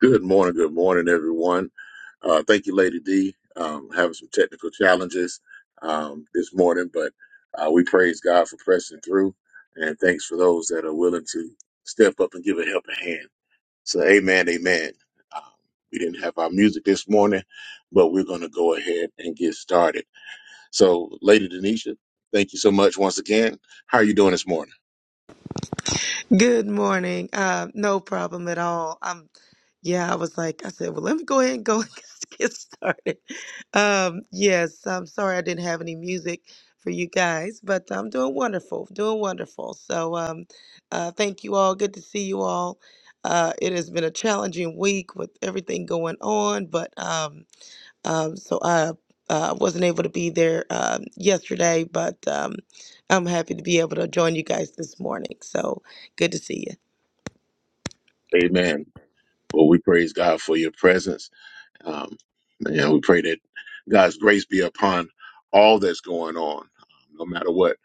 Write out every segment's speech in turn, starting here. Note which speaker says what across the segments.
Speaker 1: Good morning, good morning, everyone. Uh, thank you, Lady D. Um, having some technical challenges um, this morning, but uh, we praise God for pressing through, and thanks for those that are willing to step up and give a helping hand. So, amen, amen. Um, we didn't have our music this morning, but we're going to go ahead and get started. So, Lady Denisha, thank you so much once again. How are you doing this morning?
Speaker 2: Good morning. Uh, no problem at all. Um, yeah, I was like, I said, well, let me go ahead and go and get started. Um, yes, I'm sorry I didn't have any music for you guys, but I'm doing wonderful, doing wonderful. So, um, uh, thank you all. Good to see you all. Uh, it has been a challenging week with everything going on, but um, um, so I uh, wasn't able to be there um, yesterday, but um, I'm happy to be able to join you guys this morning. So good to see you.
Speaker 1: Amen. Well, we praise God for your presence Um, and we pray that God's grace be upon all that's going on, um, no matter what.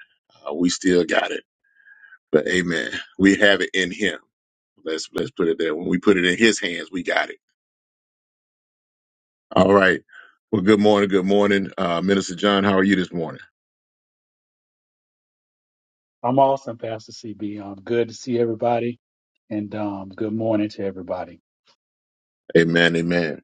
Speaker 1: Uh, we still got it, but Amen. We have it in Him. Let's let's put it there. When we put it in His hands, we got it. All right. Well, good morning. Good morning, uh, Minister John. How are you this morning?
Speaker 3: I'm awesome, Pastor CB. Um, good to see everybody, and um, good morning to everybody.
Speaker 1: Amen. Amen.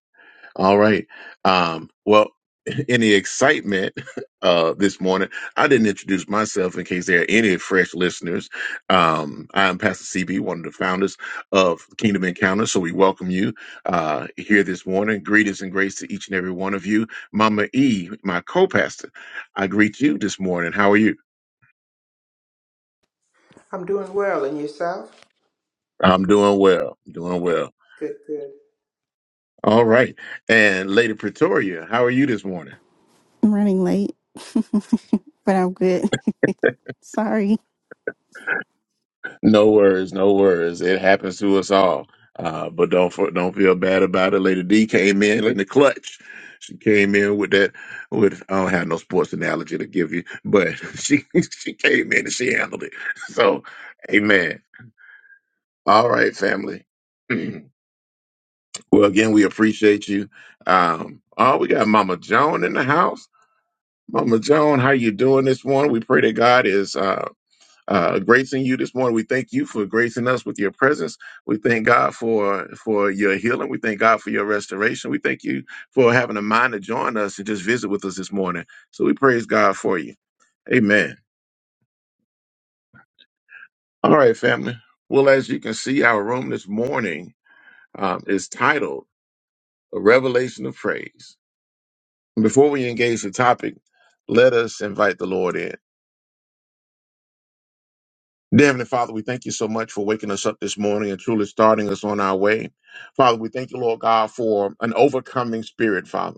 Speaker 1: All right. Um, well, in the excitement uh, this morning, I didn't introduce myself in case there are any fresh listeners. Um, I'm Pastor CB, one of the founders of Kingdom Encounter. So we welcome you uh, here this morning. Greetings and grace to each and every one of you. Mama E, my co pastor, I greet you this morning. How are you?
Speaker 4: I'm doing well. And yourself?
Speaker 1: I'm doing well. Doing well.
Speaker 4: Good, good.
Speaker 1: All right. And Lady Pretoria, how are you this morning?
Speaker 5: I'm running late, but I'm good. Sorry.
Speaker 1: No worries, no worries. It happens to us all. Uh, but don't f- don't feel bad about it. Lady D came in in the clutch. She came in with that. With I don't have no sports analogy to give you, but she she came in and she handled it. So, amen. All right, family. well, again, we appreciate you. Um, oh, we got Mama Joan in the house. Mama Joan, how you doing this morning? We pray that God is. uh, uh, gracing you this morning. We thank you for gracing us with your presence. We thank God for for your healing. We thank God for your restoration. We thank you for having a mind to join us and just visit with us this morning. So we praise God for you. Amen. All right, family. Well, as you can see, our room this morning um, is titled "A Revelation of Praise." Before we engage the topic, let us invite the Lord in. Dear Heavenly Father, we thank you so much for waking us up this morning and truly starting us on our way. Father, we thank you, Lord God, for an overcoming spirit, Father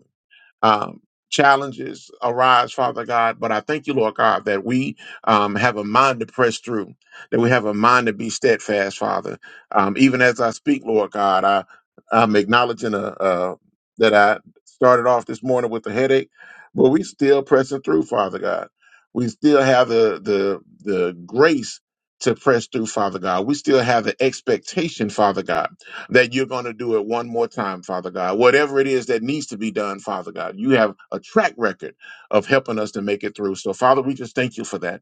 Speaker 1: um, challenges arise, Father God. But I thank you, Lord God, that we um, have a mind to press through, that we have a mind to be steadfast, Father. Um, even as I speak, Lord God, I, I'm acknowledging uh uh that I started off this morning with a headache, but we still pressing through, Father God. We still have the the the grace to press through, Father God. We still have the expectation, Father God that you're going to do it one more time, Father God. Whatever it is that needs to be done, Father God, you have a track record of helping us to make it through. So, Father, we just thank you for that.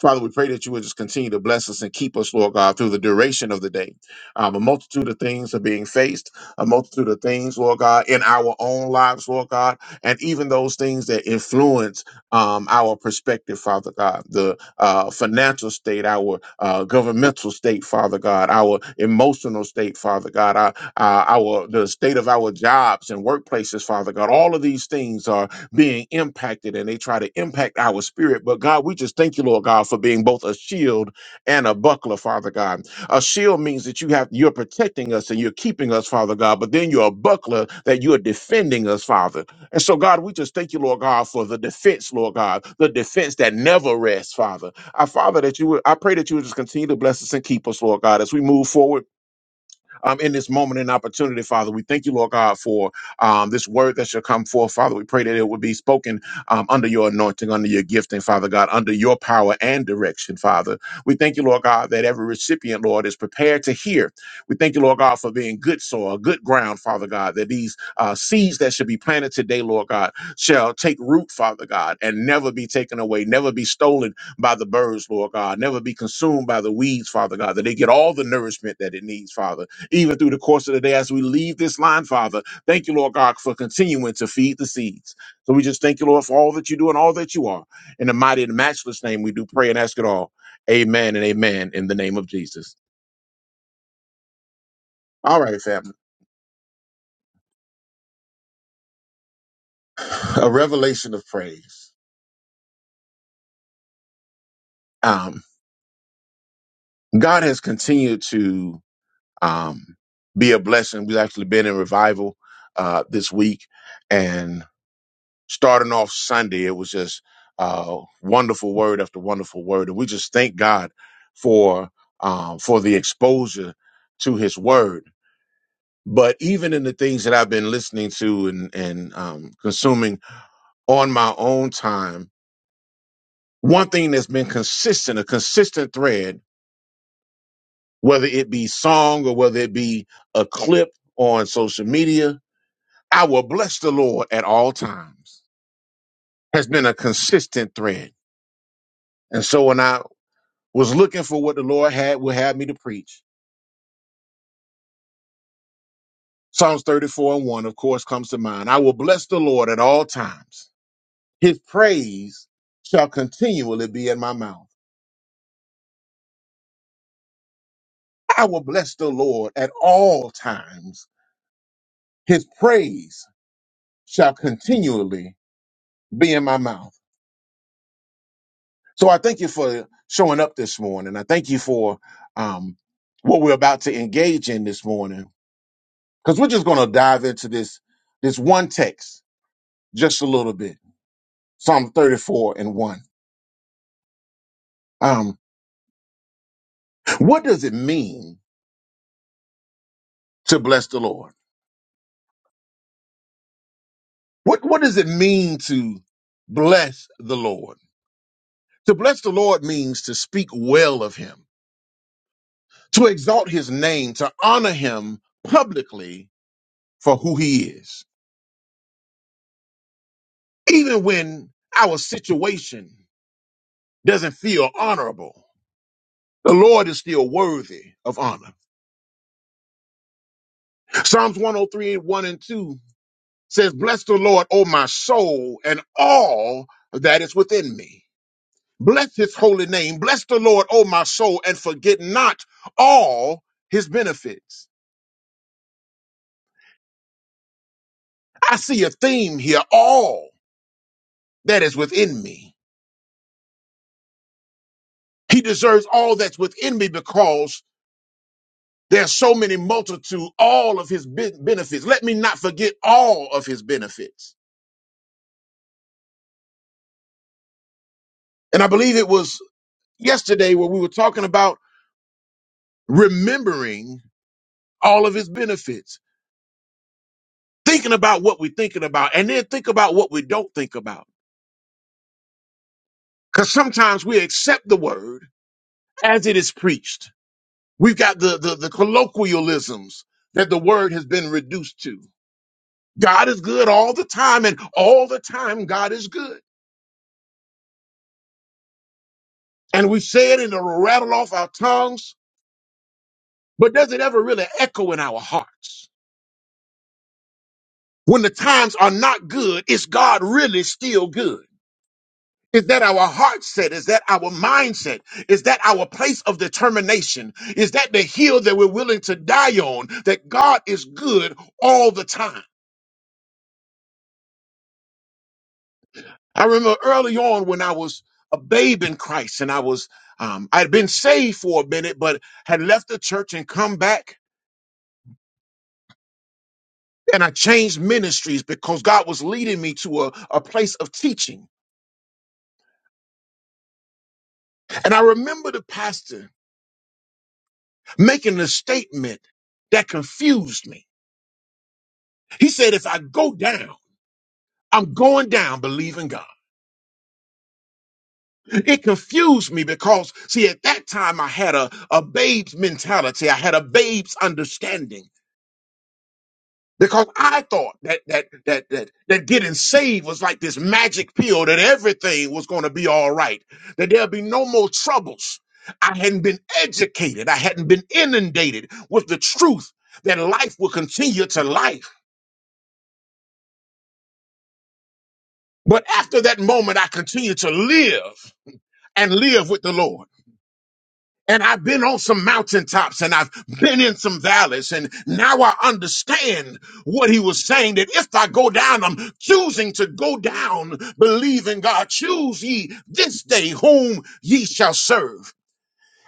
Speaker 1: Father, we pray that you would just continue to bless us and keep us, Lord God, through the duration of the day. Um, a multitude of things are being faced, a multitude of things, Lord God, in our own lives, Lord God, and even those things that influence um, our perspective, Father God, the uh, financial state, our uh, governmental state, Father God, our emotional state, Father God, our, uh, our the state of our jobs and workplaces, Father God. All of these things are being impacted and they try to impact our spirit. But God, we just thank you, Lord God, for being both a shield and a buckler, Father God. A shield means that you have you're protecting us and you're keeping us, Father God, but then you're a buckler that you're defending us, Father. And so, God, we just thank you, Lord God, for the defense, Lord God, the defense that never rests, Father. Our Father, that you would, I pray that you would just continue to bless us and keep us, Lord God, as we move forward um, in this moment and opportunity, Father. We thank you, Lord God, for um, this word that shall come forth, Father. We pray that it would be spoken um, under your anointing, under your gifting, Father God, under your power and direction, Father. We thank you, Lord God, that every recipient, Lord, is prepared to hear. We thank you, Lord God, for being good soil, good ground, Father God, that these uh, seeds that should be planted today, Lord God, shall take root, Father God, and never be taken away, never be stolen by the birds, Lord God, never be consumed by the weeds, Father God, that they get all the nourishment that it needs, Father even through the course of the day as we leave this line, Father. Thank you, Lord God, for continuing to feed the seeds. So we just thank you, Lord, for all that you do and all that you are. In the mighty and matchless name, we do pray and ask it all. Amen and amen in the name of Jesus. All right, family. A revelation of praise. Um, God has continued to um, be a blessing. We've actually been in revival uh, this week, and. starting off Sunday, it was just uh, wonderful word after wonderful word, and we just thank God for um, for the exposure to His Word. But even in the things that I've been listening to and and um, consuming on my own time, one thing that's been consistent, a consistent thread, whether it be song or whether it be a clip on social media, I will bless the Lord at all times. Has been a consistent thread. And so when I was looking for what the Lord had would have me to preach. Psalms 34 and 1, of course, comes to mind. I will bless the Lord at all times. His praise shall continually be in my mouth. I will bless the Lord at all times. His praise shall continually be in my mouth. So I thank you for showing up this morning. I thank you for um, what we're about to engage in this morning, because we're just going to dive into this this one text just a little bit Psalm 34 and 1. Um, what does it mean to bless the Lord? What, what does it mean to bless the Lord? To bless the Lord means to speak well of him, to exalt his name, to honor him publicly for who he is. Even when our situation doesn't feel honorable, the Lord is still worthy of honor. Psalms 103, and 2 says, Bless the Lord, O my soul, and all that is within me. Bless his holy name. Bless the Lord, O my soul, and forget not all his benefits. I see a theme here all that is within me. He deserves all that's within me because there's so many multitude, all of his be- benefits. Let me not forget all of his benefits. And I believe it was yesterday where we were talking about remembering all of his benefits, thinking about what we're thinking about, and then think about what we don't think about. Because sometimes we accept the word as it is preached. We've got the, the, the colloquialisms that the word has been reduced to. God is good all the time, and all the time God is good. And we say it and it'll rattle off our tongues, but does it ever really echo in our hearts? When the times are not good, is God really still good? Is that our heart set? Is that our mindset? Is that our place of determination? Is that the hill that we're willing to die on? That God is good all the time. I remember early on when I was a babe in Christ and I was, um, I had been saved for a minute, but had left the church and come back. And I changed ministries because God was leading me to a, a place of teaching. And I remember the pastor making a statement that confused me. He said, if I go down, I'm going down believing God. It confused me because, see, at that time I had a, a babe's mentality. I had a babe's understanding. Because I thought that that that that that getting saved was like this magic pill that everything was going to be all right, that there'll be no more troubles. I hadn't been educated, I hadn't been inundated with the truth that life will continue to life. But after that moment, I continued to live and live with the Lord. And I've been on some mountaintops and I've been in some valleys. And now I understand what he was saying that if I go down, I'm choosing to go down, believing God. Choose ye this day whom ye shall serve.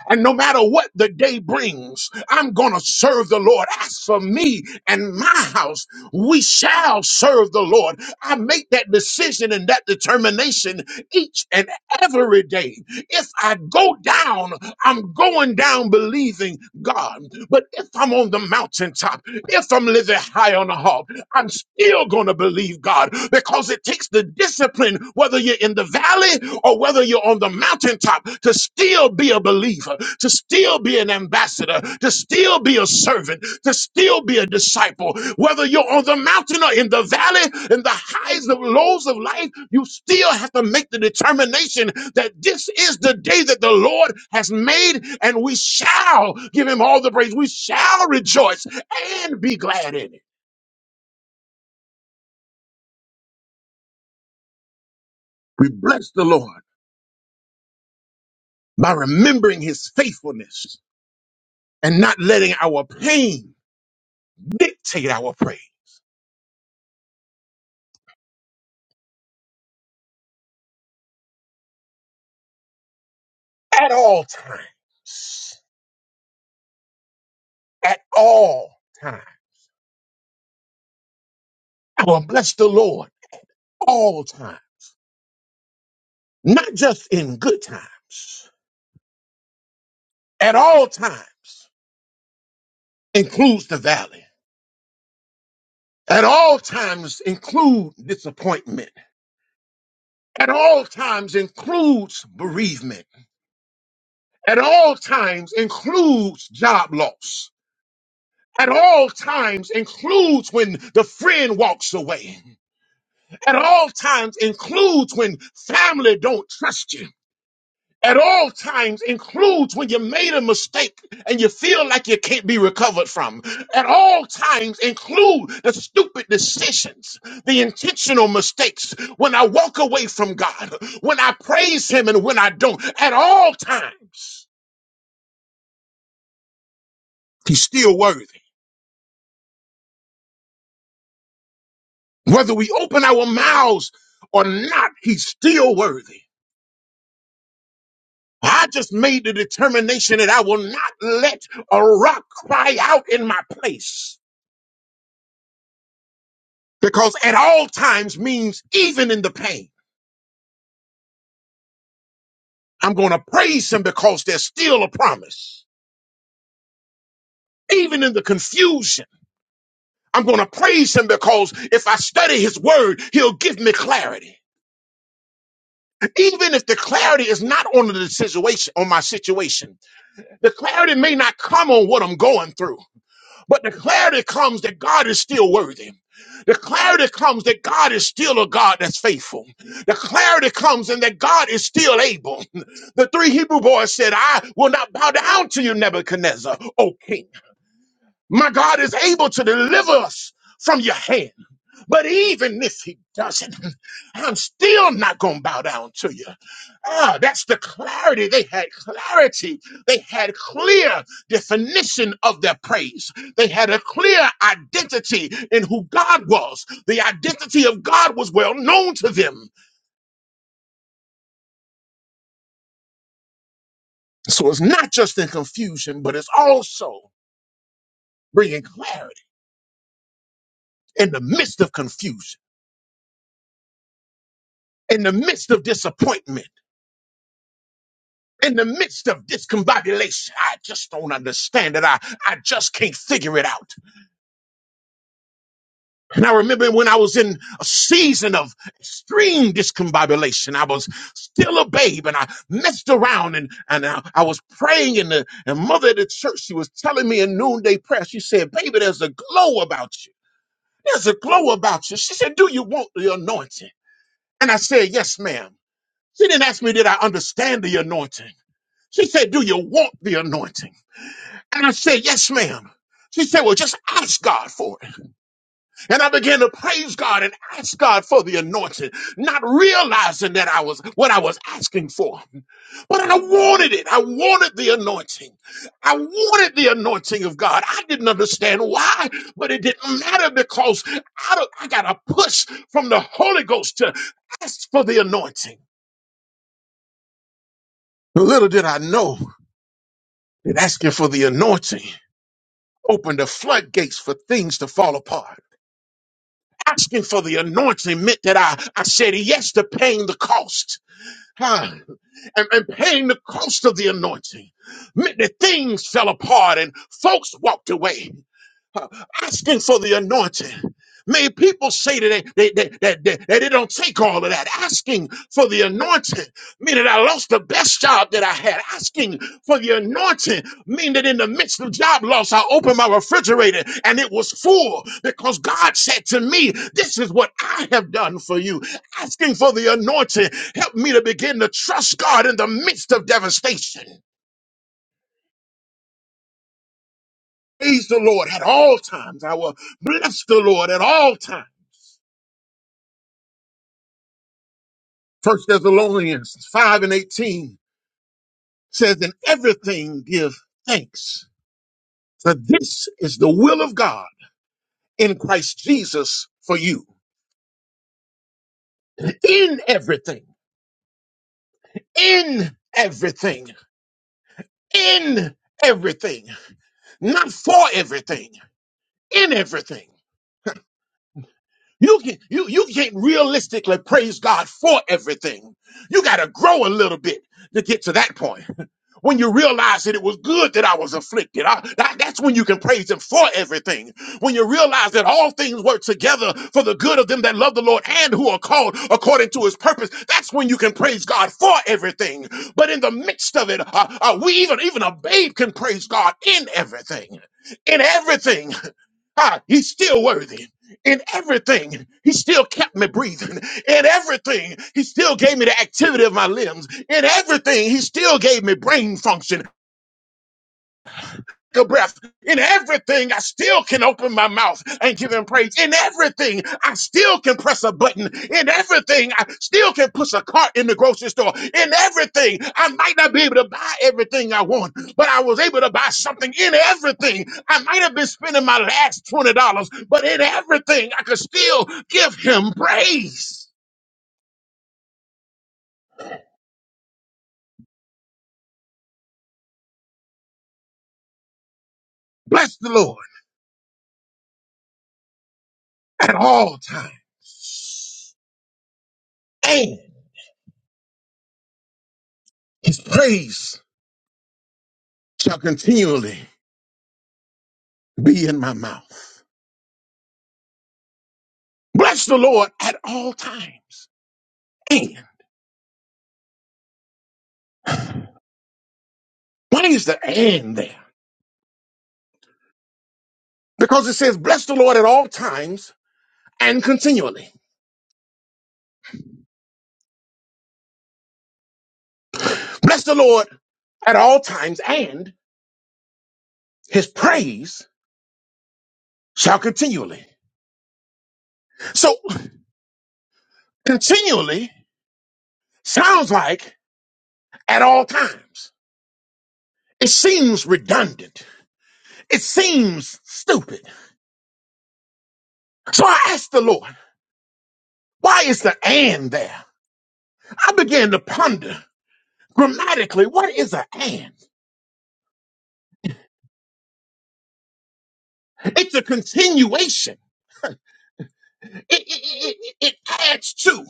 Speaker 1: And no matter what the day brings, I'm going to serve the Lord. As for me and my house, we shall serve the Lord. I make that decision and that determination each and every day. If I go down, I'm going down believing God. But if I'm on the mountaintop, if I'm living high on the hog, I'm still going to believe God because it takes the discipline, whether you're in the valley or whether you're on the mountaintop, to still be a believer, to still be an ambassador, to still be a servant, to still be a disciple. Whether you're on the mountain or in the valley, in the highs and lows of life, you still have to make the determination that this is the day that the Lord has made, and we shall give him all the praise. We shall rejoice and be glad in it. We bless the Lord by remembering his faithfulness and not letting our pain dictate our praise at all times. At all times. I will bless the Lord all time, not just in good times. At all times includes the valley. At all times include disappointment. At all times includes bereavement. At all times includes job loss at all times includes when the friend walks away at all times includes when family don't trust you at all times includes when you made a mistake and you feel like you can't be recovered from at all times include the stupid decisions the intentional mistakes when i walk away from god when i praise him and when i don't at all times he's still worthy Whether we open our mouths or not, he's still worthy. I just made the determination that I will not let a rock cry out in my place because at all times means even in the pain. I'm going to praise him because there's still a promise. Even in the confusion, I'm going to praise him because if I study his word, he'll give me clarity. Even if the clarity is not on the situation, on my situation, the clarity may not come on what I'm going through But the clarity comes that God is still worthy. The clarity comes that God is still a God that's faithful. The clarity comes and that God is still able. The three Hebrew boys said, I will not bow down to you, Nebuchadnezzar, O king. My God is able to deliver us from your hand. But even if he doesn't, I'm still not going to bow down to you. Ah, that's the clarity. They had clarity. They had clear definition of their praise. They had a clear identity in who God was. The identity of God was well known to them. So it's not just in confusion, but it's also bringing clarity in the midst of confusion, in the midst of disappointment in the midst of discombobulation. I just don't understand it. I, I just can't figure it out. And I remember when I was in a season of extreme discombobulation, I was still a babe and I messed around and, and I, I was praying and the and mother at the church, she was telling me in noonday prayer, she said, baby, there's a glow about you. There's a glow about you. She said, do you want the anointing? And I said, yes, ma'am. She didn't ask me, did I understand the anointing? She said, do you want the anointing? And I said, Yes, ma'am. She said, Well, just ask God for it. And I began to praise God and ask God for the anointing, not realizing that I was what I was asking for. But I wanted it. I wanted the anointing. I wanted the anointing of God. I didn't understand why, but it didn't matter because I, don't- I got a push from the Holy Ghost to ask for the anointing. Little did I know that asking for the anointing opened the floodgates for things to fall apart. asking for the anointing meant that I, I said yes to paying the cost. Huh. And, and paying the cost of the anointing meant that things fell apart and folks walked away uh, asking for the anointing. May people say today that they, that, that, that it don't take all of that. Asking for the anointing, mean that I lost the best job that I had. Asking for the anointing, meaning that in the midst of job loss, I opened my refrigerator and it was full because God said to me, This is what I have done for you. Asking for the anointing helped me to begin to trust God in the midst of devastation. Praise the Lord at all times. I will bless the Lord at all times. First Thessalonians 5 and 18 says, In everything give thanks, for this is the will of God in Christ Jesus for you. In everything, in everything, in everything, not for everything, in everything. You can you you can't realistically praise God for everything. You gotta grow a little bit to get to that point. When you realize that it was good that I was afflicted, I- that- that's when you can praise Him for everything. When you realize that all things work together for the good of them that love the Lord and who are called according to His purpose, that's when you can praise God for everything. But in the midst of it, uh, uh, we even even a babe can praise God in everything. In everything, Ah, he's still worthy. In everything, he still kept me breathing. In everything, he still gave me the activity of my limbs. In everything, he still gave me brain function a breath. In everything, I still can open my mouth and give him praise. In everything, I still can press a button. In everything, I still can push a cart in the grocery store. In everything, I might not be able to buy everything I want, but I was able to buy something in everything. I might have been spending my last $20, but in everything, I could still give him praise. Bless the Lord at all times. And his praise shall continually be in my mouth. Bless the Lord at all times. And why is the and there? Because it says, bless the Lord at all times and continually. Bless the Lord at all times and his praise shall continually. So continually sounds like at all times. It seems redundant. It seems stupid. So I asked the Lord, why is the and there? I began to ponder grammatically, what is a and? It's a continuation. It, it, it, it it adds to.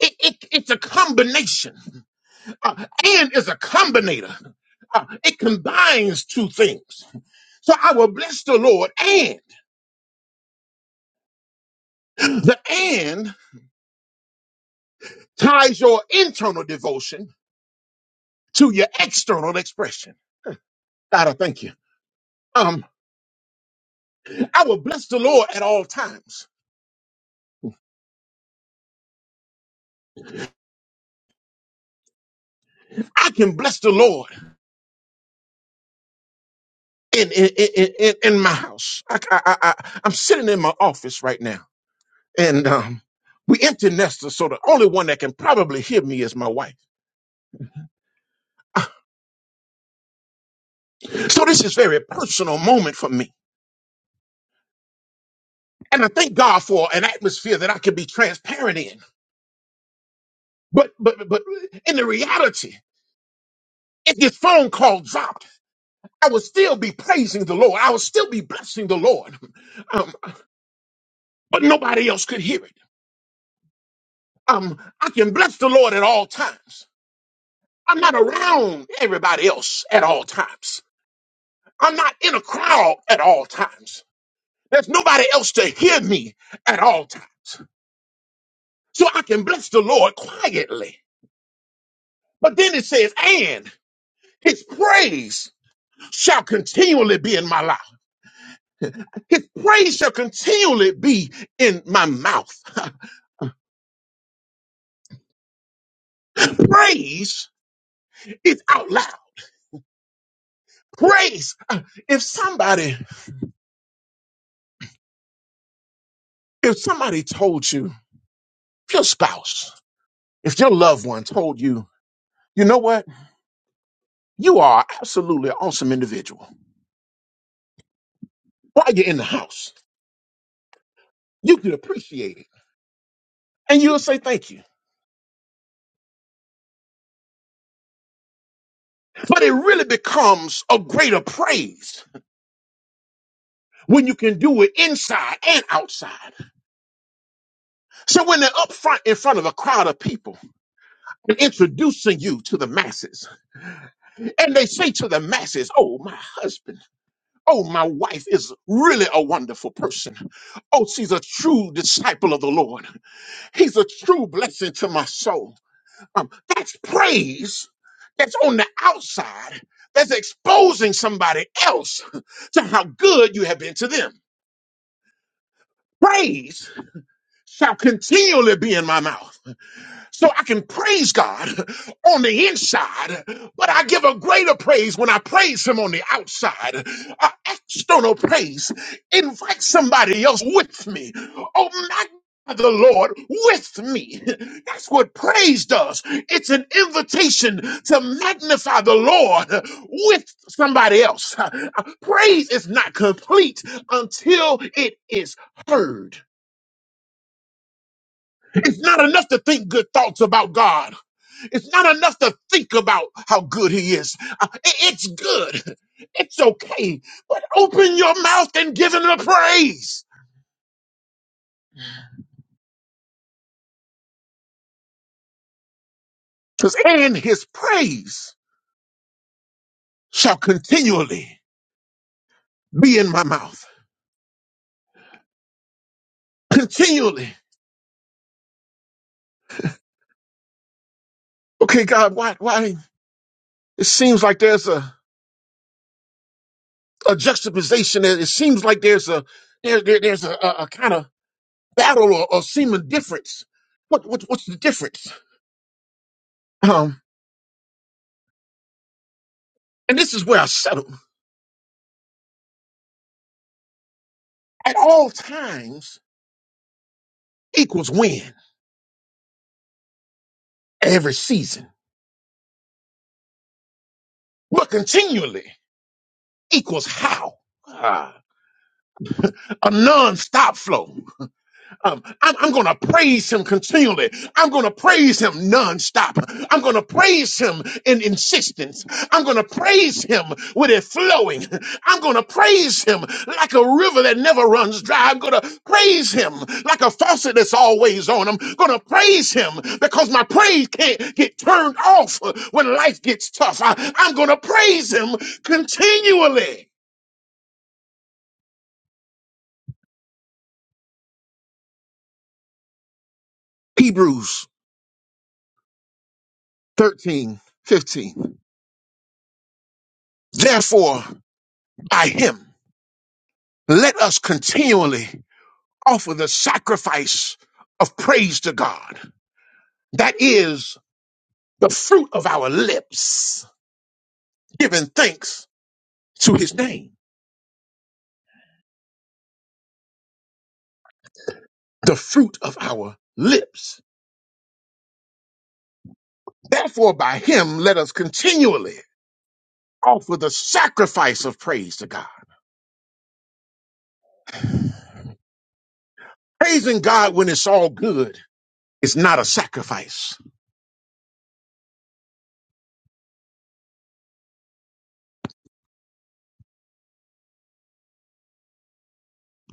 Speaker 1: It, it, it's a combination. Uh, and is a combinator. Uh, it combines two things. So I will bless the Lord. And the and ties your internal devotion to your external expression. God, I thank you. Um, I will bless the Lord at all times. I can bless the Lord in in in, in, in my house. I, I, I, I- I'm sitting in my office right now and um, we empty nesters, so the only one that can probably hear me is my wife. So this is very personal moment for me, and I thank God for an atmosphere that I can be transparent in. But but but in the reality, if this phone call dropped, I would still be praising the Lord. I would still be blessing the Lord, um, but nobody else could hear it. Um, I can bless the Lord at all times. I'm not around everybody else at all times. I'm not in a crowd at all times. There's nobody else to hear me at all times. So I can bless the Lord quietly. But then it says, and his praise shall continually be in my mouth. His praise shall continually be in my mouth. praise is out loud. Praise. If somebody, if somebody told you, if your spouse, if your loved one told you, you know what? You are absolutely an awesome individual. While you're in the house, you could appreciate it. And you'll say thank you But it really becomes a greater praise when you can do it inside and outside. So when they're up front in front of a crowd of people and introducing you to the masses, and they say to the masses, Oh, my husband, oh, my wife is really a wonderful person. Oh, she's a true disciple of the Lord. He's a true blessing to my soul. Um, that's praise that's on the outside that's exposing somebody else to how good you have been to them. praise shall continually be in my mouth. So I can praise God on the inside, but I give a greater praise when I praise Him on the outside. Uh, external praise. Invite somebody else with me. Oh, magnify the Lord with me. That's what praise does. It's an invitation to magnify the Lord with somebody else. Uh, Praise is not complete until it is heard. It's not enough to think good thoughts about God. It's not enough to think about how good He is. Uh, i- It's good. It's okay. But open your mouth and give Him the praise. 'Cause- And His praise shall continually be in my mouth. Continually. Okay, God, why? Why? It seems like there's a, a juxtaposition. It it seems like there's a there, there- there's a, a, a kind of battle or, or seeming difference. What, what what's the difference? Um, and this is where I settle. at all times equals when, every season, but continually equals how. Ah, a non-stop flow. Um, I'm, I'm going to praise him continually. I'm going to praise him nonstop. I'm going to praise him in insistence. I'm going to praise him with it flowing. I'm going to praise him like a river that never runs dry. I'm going to praise him like a faucet that's always on. I'm going to praise him because my praise can't get turned off when life gets tough. I, I'm going to praise him continually. Hebrews 13 15. Therefore, I him. Let us continually offer the sacrifice of praise to God. That is the fruit of our lips, giving thanks to his name, the fruit of our lips. Therefore, by him, let us continually offer the sacrifice of praise to God. Praising God when it's all good is not a sacrifice.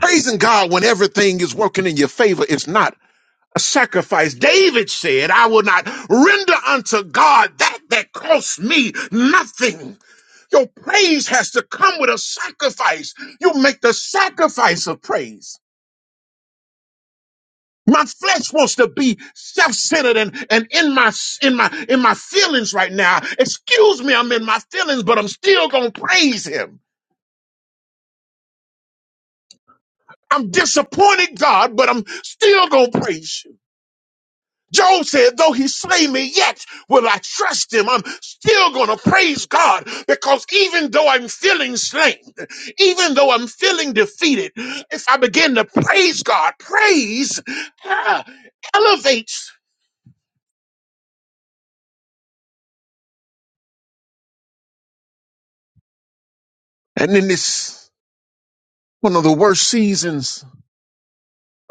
Speaker 1: Praising God when everything is working in your favor is not a sacrifice. David said, I will not render unto God that that costs me nothing. Your praise has to come with a sacrifice. You make the sacrifice of praise. My flesh wants to be self-centered and, and in my in my in my feelings right now. Excuse me, I'm in my feelings, but I'm still gonna praise him. I'm disappointed, God, but I'm still gonna praise you. Job said, though he slay me, yet will I trust him. I'm still going to praise God because even though I'm feeling slain, even though I'm feeling defeated, if I begin to praise God, praise ah, elevates. And in this one of the worst seasons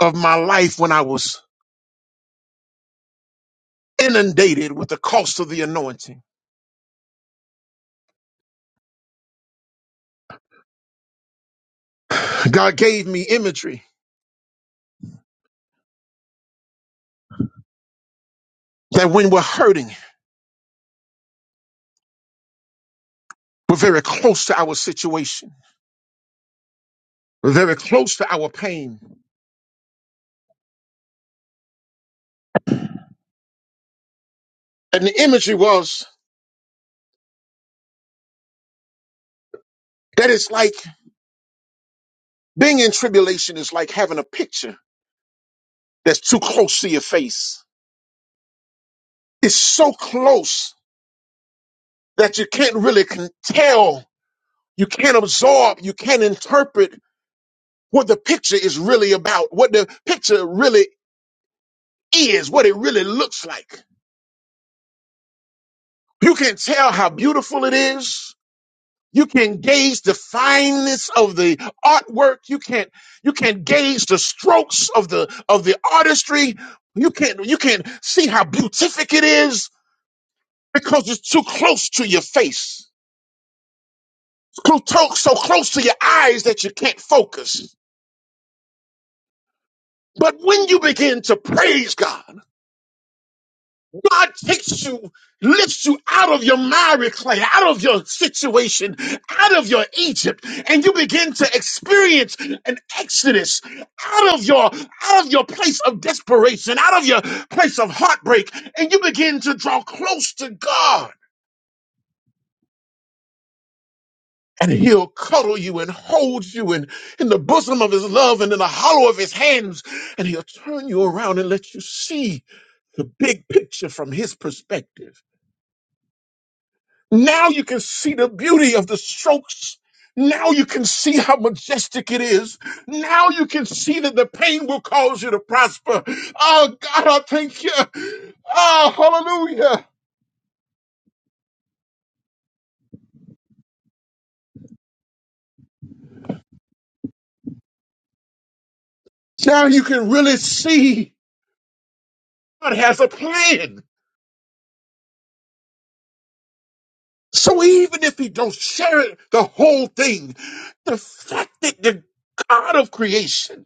Speaker 1: of my life when I was inundated with the cost of the anointing, God gave me imagery that when we're hurting, we're very close to our situation. We're very close to our pain. And the imagery was that it's like being in tribulation is like having a picture that's too close to your face. It's so close that you can't really can tell, you can't absorb, you can't interpret what the picture is really about, what the picture really is, what it really looks like. You can't tell how beautiful it is. You can gauge the fineness of the artwork. You can't you can gauge the strokes of the of the artistry. You can't you can't see how beautific it is because it's too close to your face. It's clo- to- so close to your eyes that you can't focus. But when you begin to praise God, God takes you, lifts you out of your miry clay, out of your situation, out of your Egypt, and you begin to experience an exodus out of your out of your place of desperation, out of your place of heartbreak, and you begin to draw close to God. And he'll cuddle you and hold you in, in the bosom of his love and in the hollow of his hands. And he'll turn you around and let you see the big picture from his perspective. Now you can see the beauty of the strokes. Now you can see how majestic it is. Now you can see that the pain will cause you to prosper. Oh God, I thank you. Oh, hallelujah. Now you can really see God has a plan. So even if he don't share it, the whole thing, the fact that the God of creation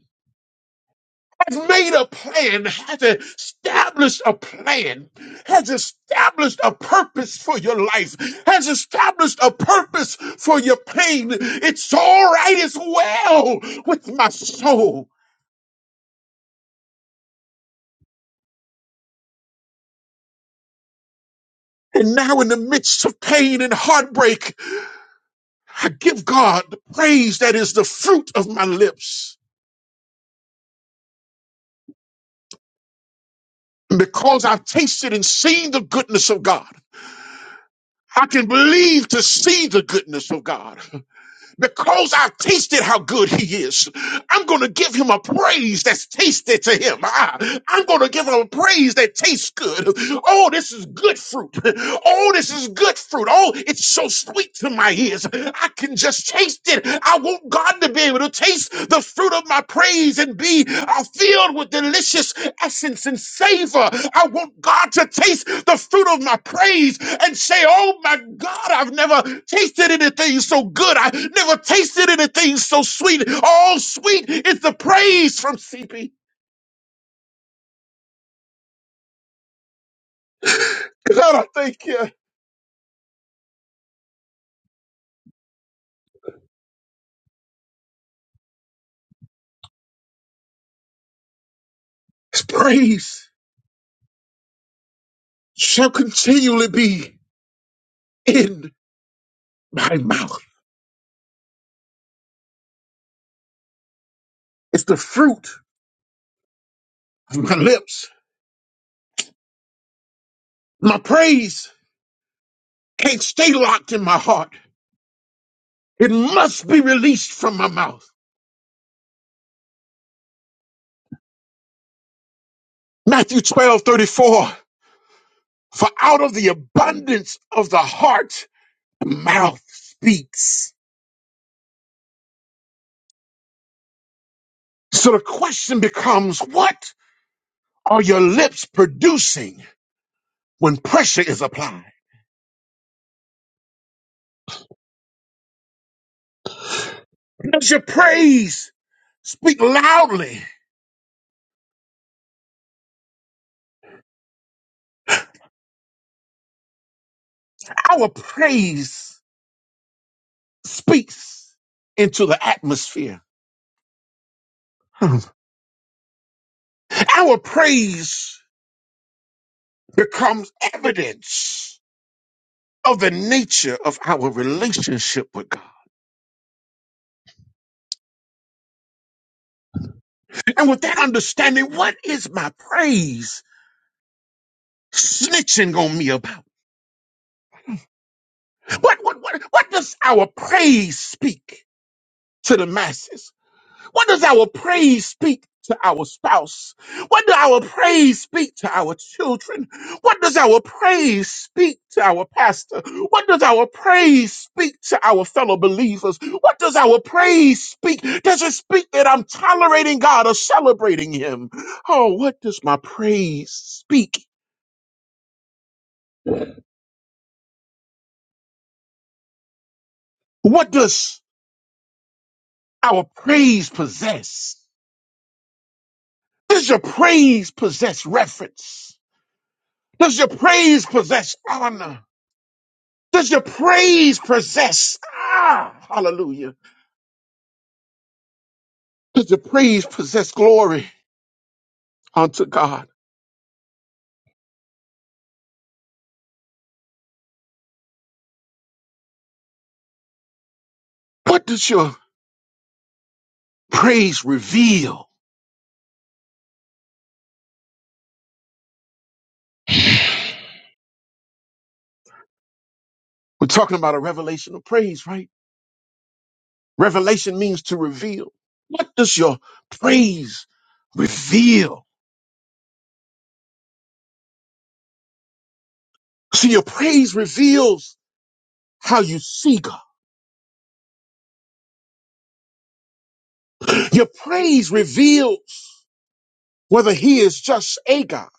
Speaker 1: has made a plan, has established a plan, has established a purpose for your life, has established a purpose for your pain. It's all right it's well with my soul. And now, in the midst of pain and heartbreak, I give God the praise that is the fruit of my lips. Because I've tasted and seen the goodness of God, I can believe to see the goodness of God. Because I've tasted how good he is, I'm going to give him a praise that's tasted to him. I, am going to give him a praise that tastes good. Oh, this is good fruit. Oh, this is good fruit. Oh, it's so sweet to my ears. I can just taste it. I want God to be able to taste the fruit of my praise and be are filled with delicious essence and savor. I want God to taste the fruit of my praise and say, Oh my God, I've never tasted anything so good. I never tasted anything so sweet. All sweet is the praise from CP. God, I thank you. His praise shall continually be in my mouth. It's the fruit of my lips. My praise can't stay locked in my heart. It must be released from my mouth. Matthew 12 34. For out of the abundance of the heart, the mouth speaks. So the question becomes, what are your lips producing when pressure is applied? Does your praise speak loudly? Our praise speaks into the atmosphere. Hmm. Our praise becomes evidence of the nature of our relationship with God. And with that understanding, what is my praise snitching on me about? What, what, what, what does our praise speak to the masses? What does our praise speak to our spouse? What does our praise speak to our children? What does our praise speak to our pastor? What does our praise speak to our fellow believers? What does our praise speak? Does it speak that I'm tolerating God or celebrating Him? Oh, what does my praise speak? What does our praise possess? Does your praise possess reference? Does your praise possess honor? Does your praise possess, ah, hallelujah. Does your praise possess glory unto God? What does your praise reveal? We're talking about a revelation of praise, right? Revelation means to reveal. What does your praise reveal? See, your praise reveals how you see God. Your praise reveals whether he is just a God,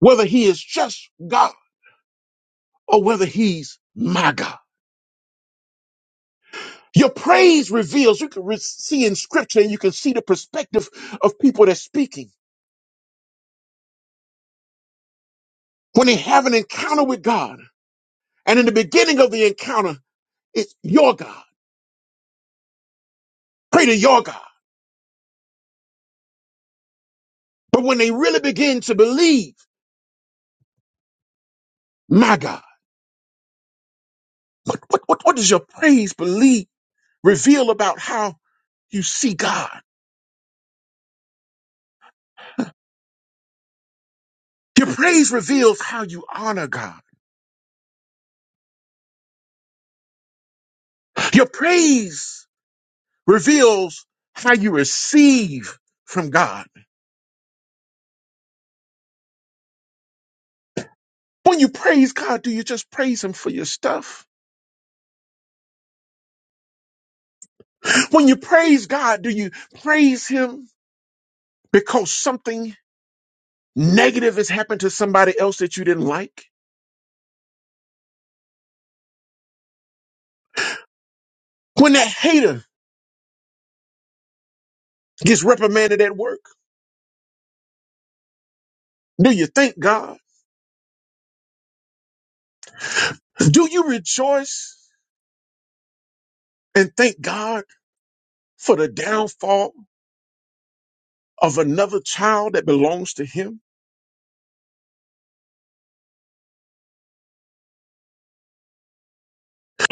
Speaker 1: whether he is just God, or whether he's my God. Your praise reveals, you can re- see in scripture and you can see the perspective of people that's speaking. When they have an encounter with God, and in the beginning of the encounter, it's your God. Pray to your God. But when they really begin to believe, my God, what, what, what, what does your praise believe reveal about how you see God? Your praise reveals how you honor God. Your praise reveals how you receive from God. When you praise God, do you just praise Him for your stuff? When you praise God, do you praise Him because something negative has happened to somebody else that you didn't like? When that hater gets reprimanded at work, do you thank God? Do you rejoice and thank God for the downfall of another child that belongs to Him?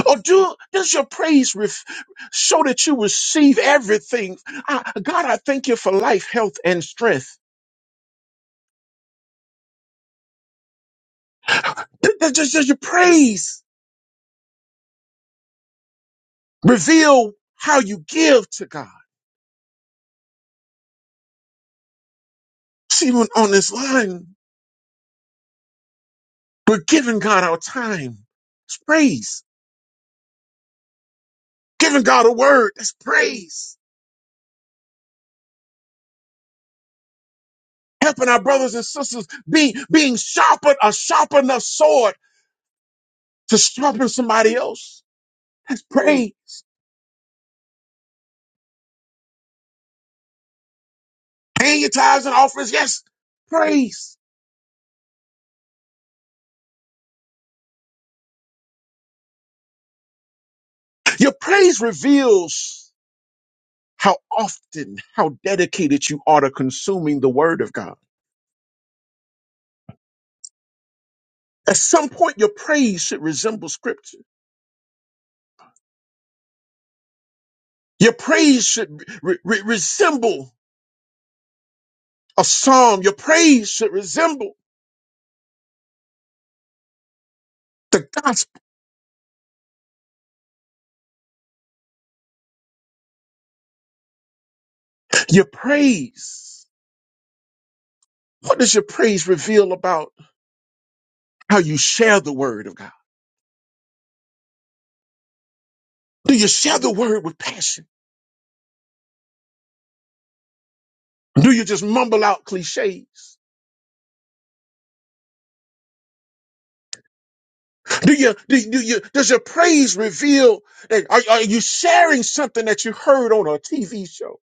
Speaker 1: Or do does your praise ref, show that you receive everything? I, God, I thank you for life, health, and strength. Th- th- Does, does your praise reveal how you give to God? See, when on this line, we're giving God our time. It's praise. Giving God a word. That's praise. Helping our brothers and sisters being being sharpened a sharp enough sword to sharpen somebody else. That's praise. Paying your tithes and offerings. Yes, praise Your praise reveals how often, how dedicated you are to consuming the word of God. At some point, your praise should resemble scripture. Your praise should re- re- resemble a psalm. Your praise should resemble the gospel. Your praise. What does your praise reveal about how you share the word of God? Do you share the word with passion? Do you just mumble out cliches? Do you, do, you- do you, does your praise reveal that are, are you sharing something that you heard on a TV show,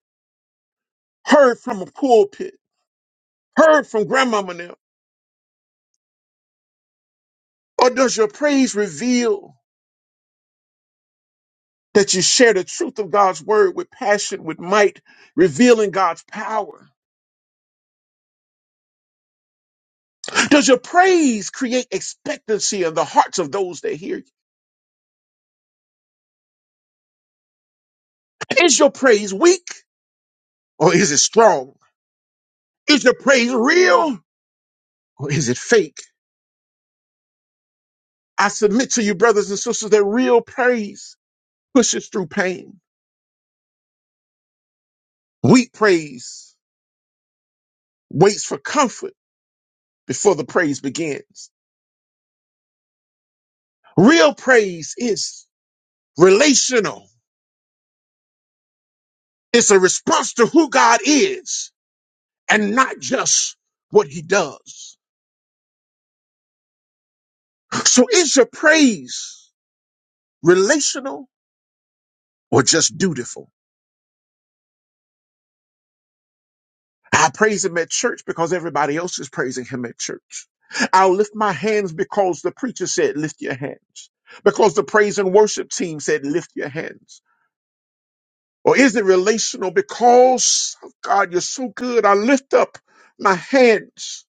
Speaker 1: heard from a pulpit, heard from grandmama now? Or does your praise reveal that you share the truth of God's word with passion, with might, revealing God's power? Does your praise create expectancy in the hearts of those that hear you? Is your praise weak or is it strong? Is your praise real or is it fake? I submit to you, brothers and sisters, that real praise pushes through pain. Weak praise waits for comfort before the praise begins. Real praise is relational. It's a response to who God is and not just what he does. So is your praise relational or just dutiful? I praise him at church because everybody else is praising him at church. I'll lift my hands because the preacher said, lift your hands. Because the praise and worship team said, lift your hands Or is it relational? Because oh God, you're so good. I lift up my hands.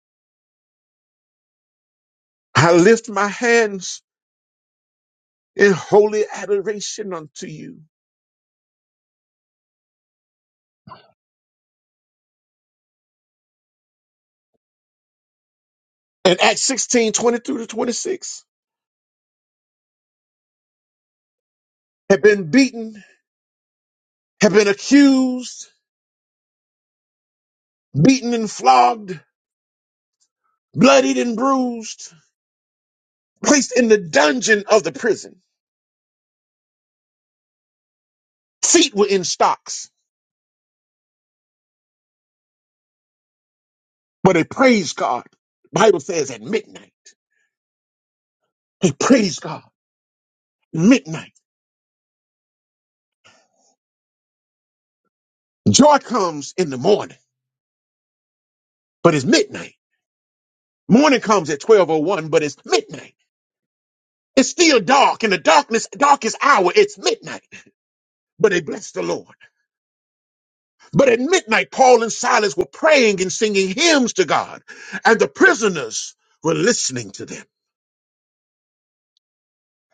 Speaker 1: I lift my hands in holy adoration unto you. And Acts 16:22 to 26 have been beaten, have been accused, beaten and flogged, bloodied and bruised, placed in the dungeon of the prison. Feet were in stocks, but they praised God. Bible says at midnight. They praised God. Midnight. Joy comes in the morning. but it's midnight. Morning comes at 1201, but it's midnight. It's still dark in the darkness, darkest hour. It's midnight, but they bless the Lord. But at midnight, Paul and Silas were praying and singing hymns to God, and the prisoners were listening to them.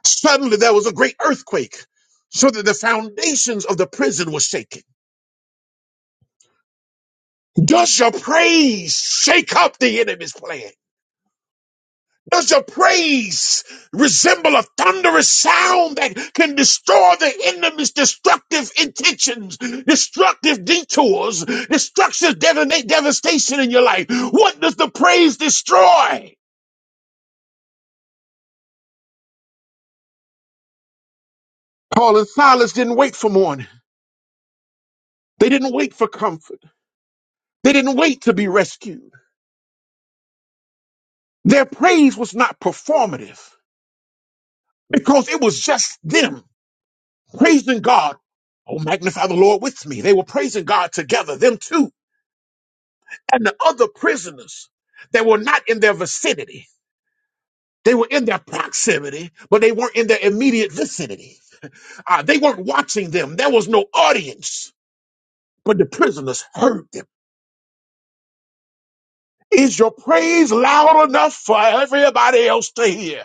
Speaker 1: Suddenly there was a great earthquake so that the foundations of the prison were shaken. Does your praise shake up the enemy's plan? Does your praise resemble a thunderous sound that can destroy the enemy's destructive intentions, destructive detours, destructive devana- devastation in your life? What does the praise destroy? Paul and Silas didn't wait for morning. They didn't wait for comfort. They didn't wait to be rescued. Their praise was not performative because it was just them praising God. Oh, magnify the Lord with me. They were praising God together, them too. and the other prisoners that were not in their vicinity. They were in their proximity, but they weren't in their immediate vicinity. Uh, they weren't watching them. There was no audience, but the prisoners heard them. Is your praise loud enough for everybody else to hear?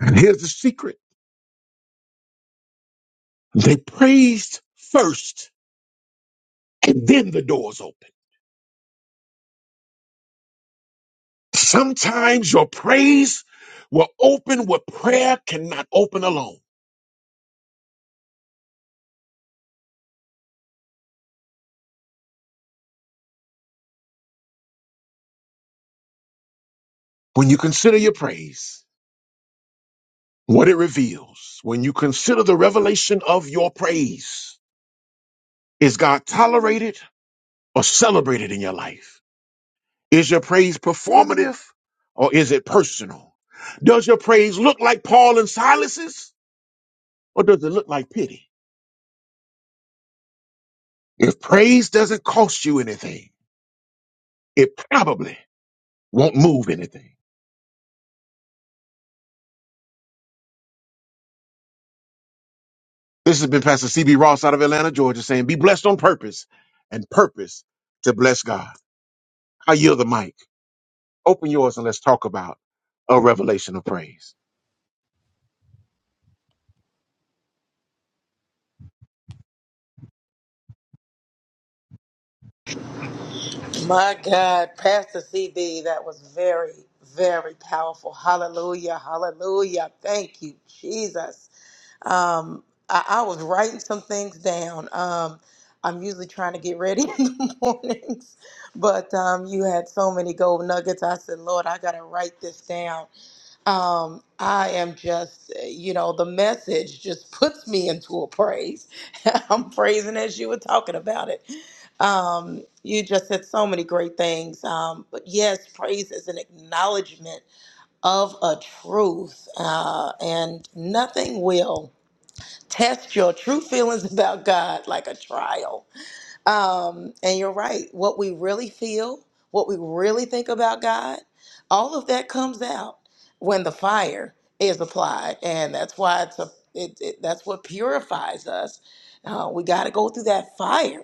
Speaker 1: And here's the secret they praised first, and then the doors opened. Sometimes your praise will open what prayer cannot open alone. When you consider your praise, What it reveals when you consider the revelation of your praise is God tolerated or celebrated in your life? Is your praise performative or is it personal? Does your praise look like Paul and Silas's or does it look like pity? If praise doesn't cost you anything, it probably won't move anything. This has been Pastor CB Ross out of Atlanta, Georgia saying, Be blessed on purpose and purpose to bless God. I yield the mic. Open yours and let's talk about a revelation of praise.
Speaker 2: My God, Pastor CB, that was very, very powerful. Hallelujah, hallelujah. Thank you, Jesus. Um, I, I was writing some things down. Um, I'm usually trying to get ready in the mornings, but um, you had so many gold nuggets. I said, Lord, I got to write this down. um, I am just, you know, the message just puts me into a praise. I'm praising as you were talking about it. Um, you just said so many great things. Um, but yes, praise is an acknowledgement of a truth, uh, and nothing will test your true feelings about God like a trial. Um, and you're right. What we really feel, what we really think about God, all of that comes out when the fire is applied, and that's why it's a. It, it, that's what purifies us. Uh, we got to go through that fire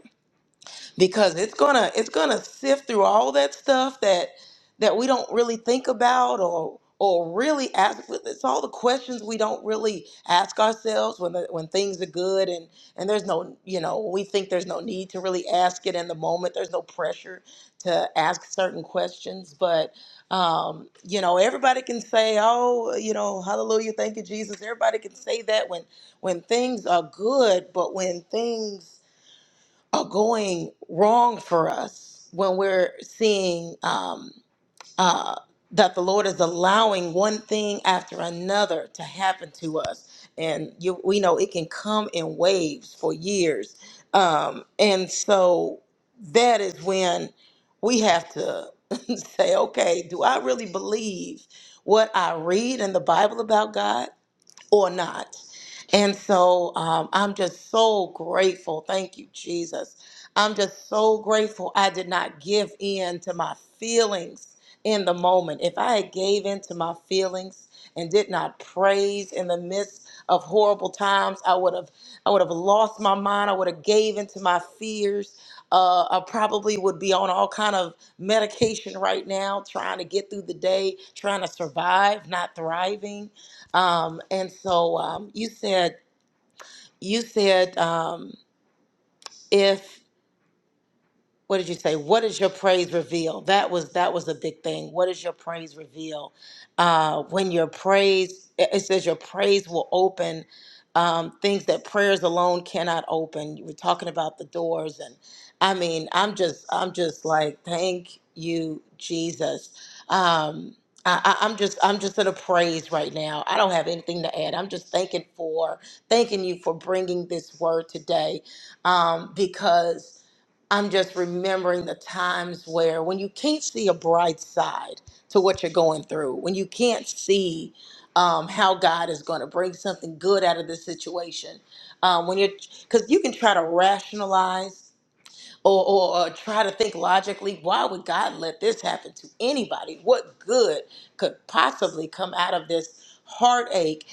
Speaker 2: because it's gonna it's gonna sift through all that stuff that that we don't really think about or or really ask it's all the questions we don't really ask ourselves when the, when things are good and and there's no you know we think there's no need to really ask it in the moment there's no pressure to ask certain questions but um, you know everybody can say oh you know hallelujah thank you jesus everybody can say that when when things are good but when things are going wrong for us when we're seeing um, uh, that the Lord is allowing one thing after another to happen to us. And you, we know it can come in waves for years. Um, and so that is when we have to say, okay, do I really believe what I read in the Bible about God? or not. And so um, I'm just so grateful. Thank you, Jesus. I'm just so grateful I did not give in to my feelings in the moment. If I had gave in to my feelings and did not praise in the midst of horrible times, I would have I would have lost my mind. I would have gave in to my fears. Uh, I probably would be on all kind of medication right now, trying to get through the day, trying to survive, not thriving um, and so um, you said you said um, if what did you say what does your praise reveal that was that was a big thing what does your praise reveal uh when your praise it it says your praise will open um things that prayers alone cannot open you were talking about the doors and i mean i'm just i'm just like thank you jesus um I, I- I'm just I'm just in a praise right now. I don't have anything to add. I'm just thanking for thanking you for bringing this word today, um, because I'm just remembering the times where when you can't see a bright side to what you're going through, when you can't see um, how God is going to bring something good out of the situation, um, when you're because you can try to rationalize or, or, or try to think logically, why would God let this happen to anybody? What good could possibly come out of this heartache?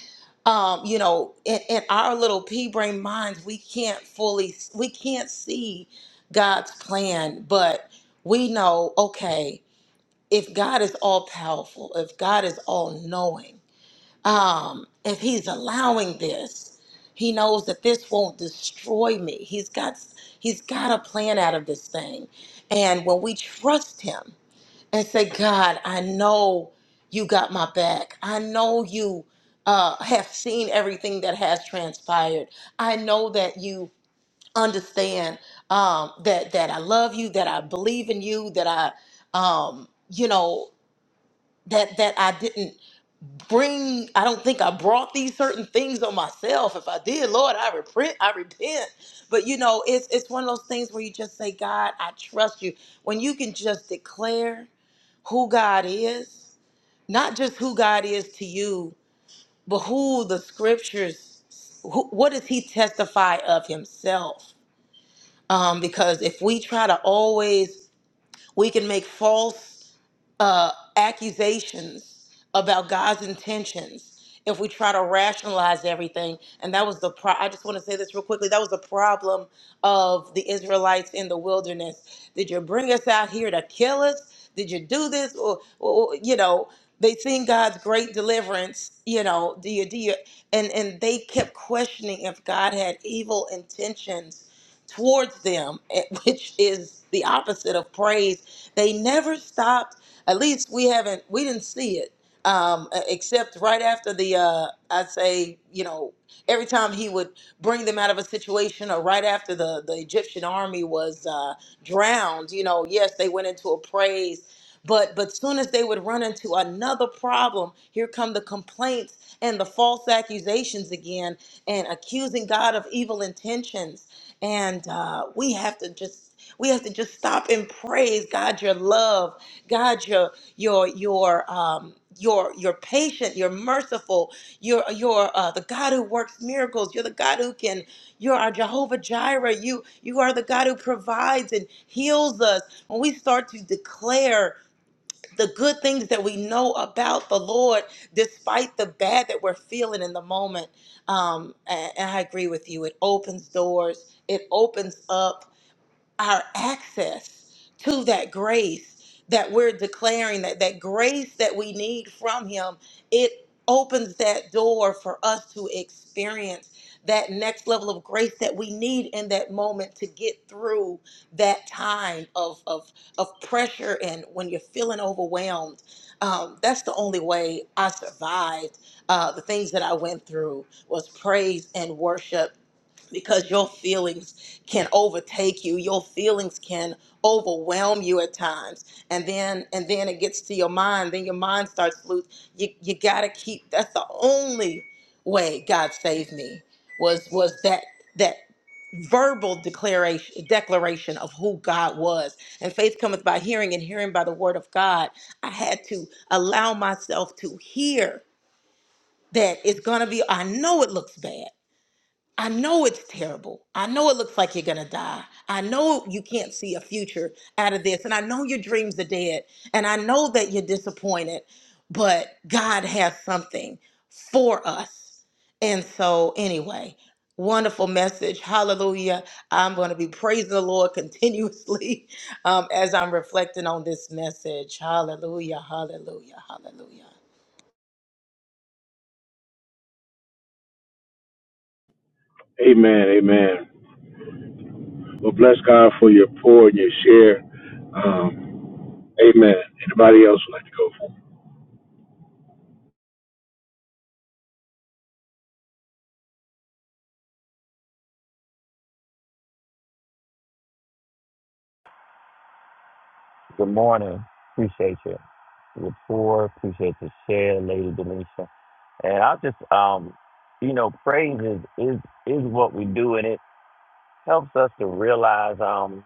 Speaker 2: Um, you know, in, in our little pea brain minds, we can't fully, we can't see God's plan, but we know, okay, if God is all powerful, if God is all knowing, um, if he's allowing this he knows that this won't destroy me he's got he's got a plan out of this thing and when we trust him and say god i know you got my back i know you uh, have seen everything that has transpired i know that you understand um, that that i love you that i believe in you that i um, you know that that I didn't bring I don't think I brought these certain things on myself. If I did, Lord, I repent, I repent. But you know, it's it's one of those things where you just say, God, I trust you. When you can just declare who God is, not just who God is to you, but who the scriptures who, what does he testify of himself? Um, because if we try to always we can make false uh, accusations about God's intentions if we try to rationalize everything. And that was the pro- I just want to say this real quickly. That was the problem of the Israelites in the wilderness. Did you bring us out here to kill us? Did you do this? Or, or you know, they seen God's great deliverance. You know, do you do you? And and they kept questioning if God had evil intentions towards them, eh, which is the opposite of praise. They never stopped. At least we haven't, we didn't see it, um, e- except right after the, uh, I'd say, you know, every time he would bring them out of a situation or right after the, the Egyptian army was uh, drowned, you know, yes, they went into a praise but but soon as they would run into another problem, here come the complaints and the false accusations again, and accusing God of evil intentions. And uh, we have to just we have to just stop and praise God your love, God your your your um your your patient, you're merciful, you're you're uh, the God who works miracles. You're the God who can. You're our Jehovah Jireh. You you are the God who provides and heals us. When we start to declare the good things that we know about the Lord, despite the bad that we're feeling in the moment. Um, and, and I agree with you. It opens doors. It opens up our access to that grace that we're declaring that that grace that we need from him it opens that door for us to experience that next level of grace that we need in that moment to get through that time of of, of pressure and when you're feeling overwhelmed um, that's the only way i survived uh, the things that i went through was praise and worship because your feelings can overtake you your feelings can overwhelm you at times and then and then it gets to your mind then your mind starts loose you, you gotta keep that's the only way god saved me was was that that verbal declaration declaration of who god was and faith cometh by hearing and hearing by the word of god i had to allow myself to hear that it's gonna be i know it looks bad I know it's terrible. I know it looks like you're going to die. I know you can't see a future out of this. And I know your dreams are dead. And I know that you're disappointed, but God has something for us. And so, anyway, wonderful message. Hallelujah. I'm going to be praising the Lord continuously um, as I'm reflecting on this message. Hallelujah. Hallelujah. Hallelujah.
Speaker 1: Amen. Amen. Well, bless God for your pour and your share. Um, amen. Anybody else would like to go for?
Speaker 6: Good morning. Appreciate you. Rapport. Appreciate your share, Lady Denisha. And I just, um, you know, praise is, is is what we do, and it helps us to realize. Um,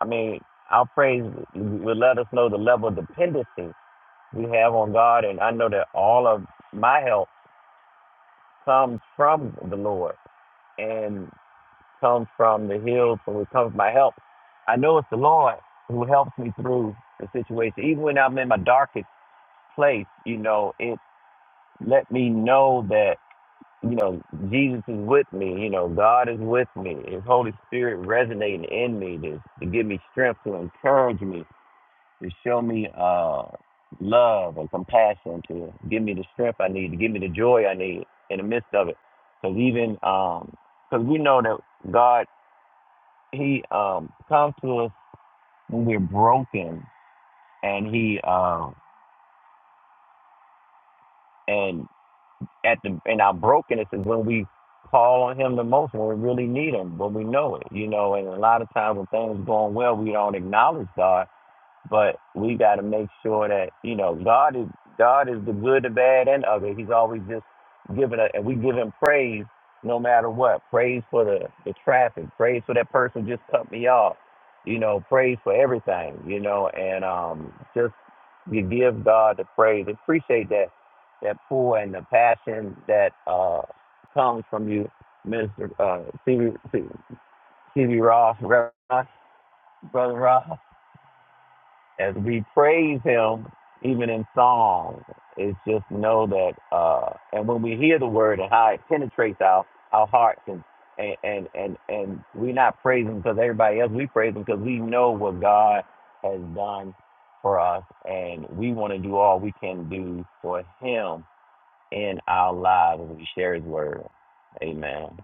Speaker 6: I mean, our praise will let us know the level of dependency we have on God, and I know that all of my help comes from the Lord and comes from the hills from which comes my help. I know it's the Lord who helps me through the situation, even when I'm in my darkest. place, you know, it let me know that, you know, Jesus is with me, you know, God is with me, His Holy Spirit resonating in me to, to give me strength, to encourage me, to show me uh, love and compassion, to give me the strength I need, to give me the joy I need in the midst of it. Because even, because we know that God, He um, comes to us when we're broken and He, um, and at the in our brokenness is when we call on him the most when we really need him when we know it you know and a lot of times when things going well we don't acknowledge god but we got to make sure that you know God is God is the good, the bad, and the ugly. He's always just giving us, and we give Him praise no matter what. Praise for the the traffic. Praise for that person just cut me off. You know, praise for everything. You know, and um, just you give God the praise. Appreciate that that pull and the passion that uh comes from you, Mister uh, C. B, C B Ross, Reverend Ross, brother Ross as we praise him even in song it's just know that uh and when we hear the word and how it penetrates our our hearts and and and and, and we're not praising because everybody else we praise Him because we know what god has done for us and we want to do all we can do for him in our lives as we share his word amen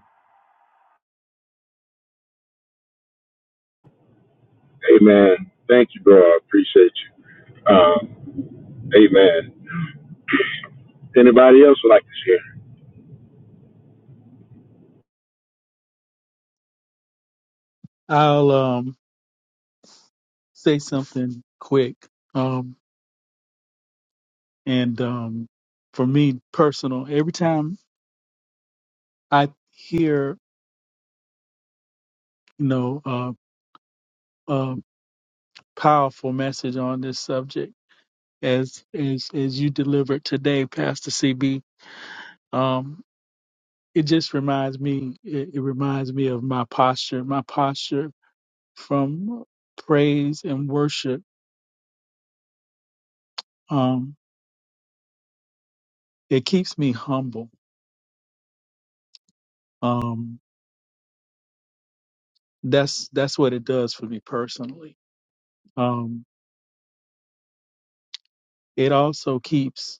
Speaker 1: it? Amen. Thank you, bro. I appreciate you. Um, amen. Anybody else would like to share?
Speaker 3: I'll um, say something quick. Um, and um, for me, personal, every time I hear, you know, uh, a powerful message on this subject, as as as you delivered today, Pastor CB, um, it just reminds me. It, it reminds me of my posture. My posture from praise and worship. Um, it keeps me humble. Um, that's that's what it does for me personally. Um, it also keeps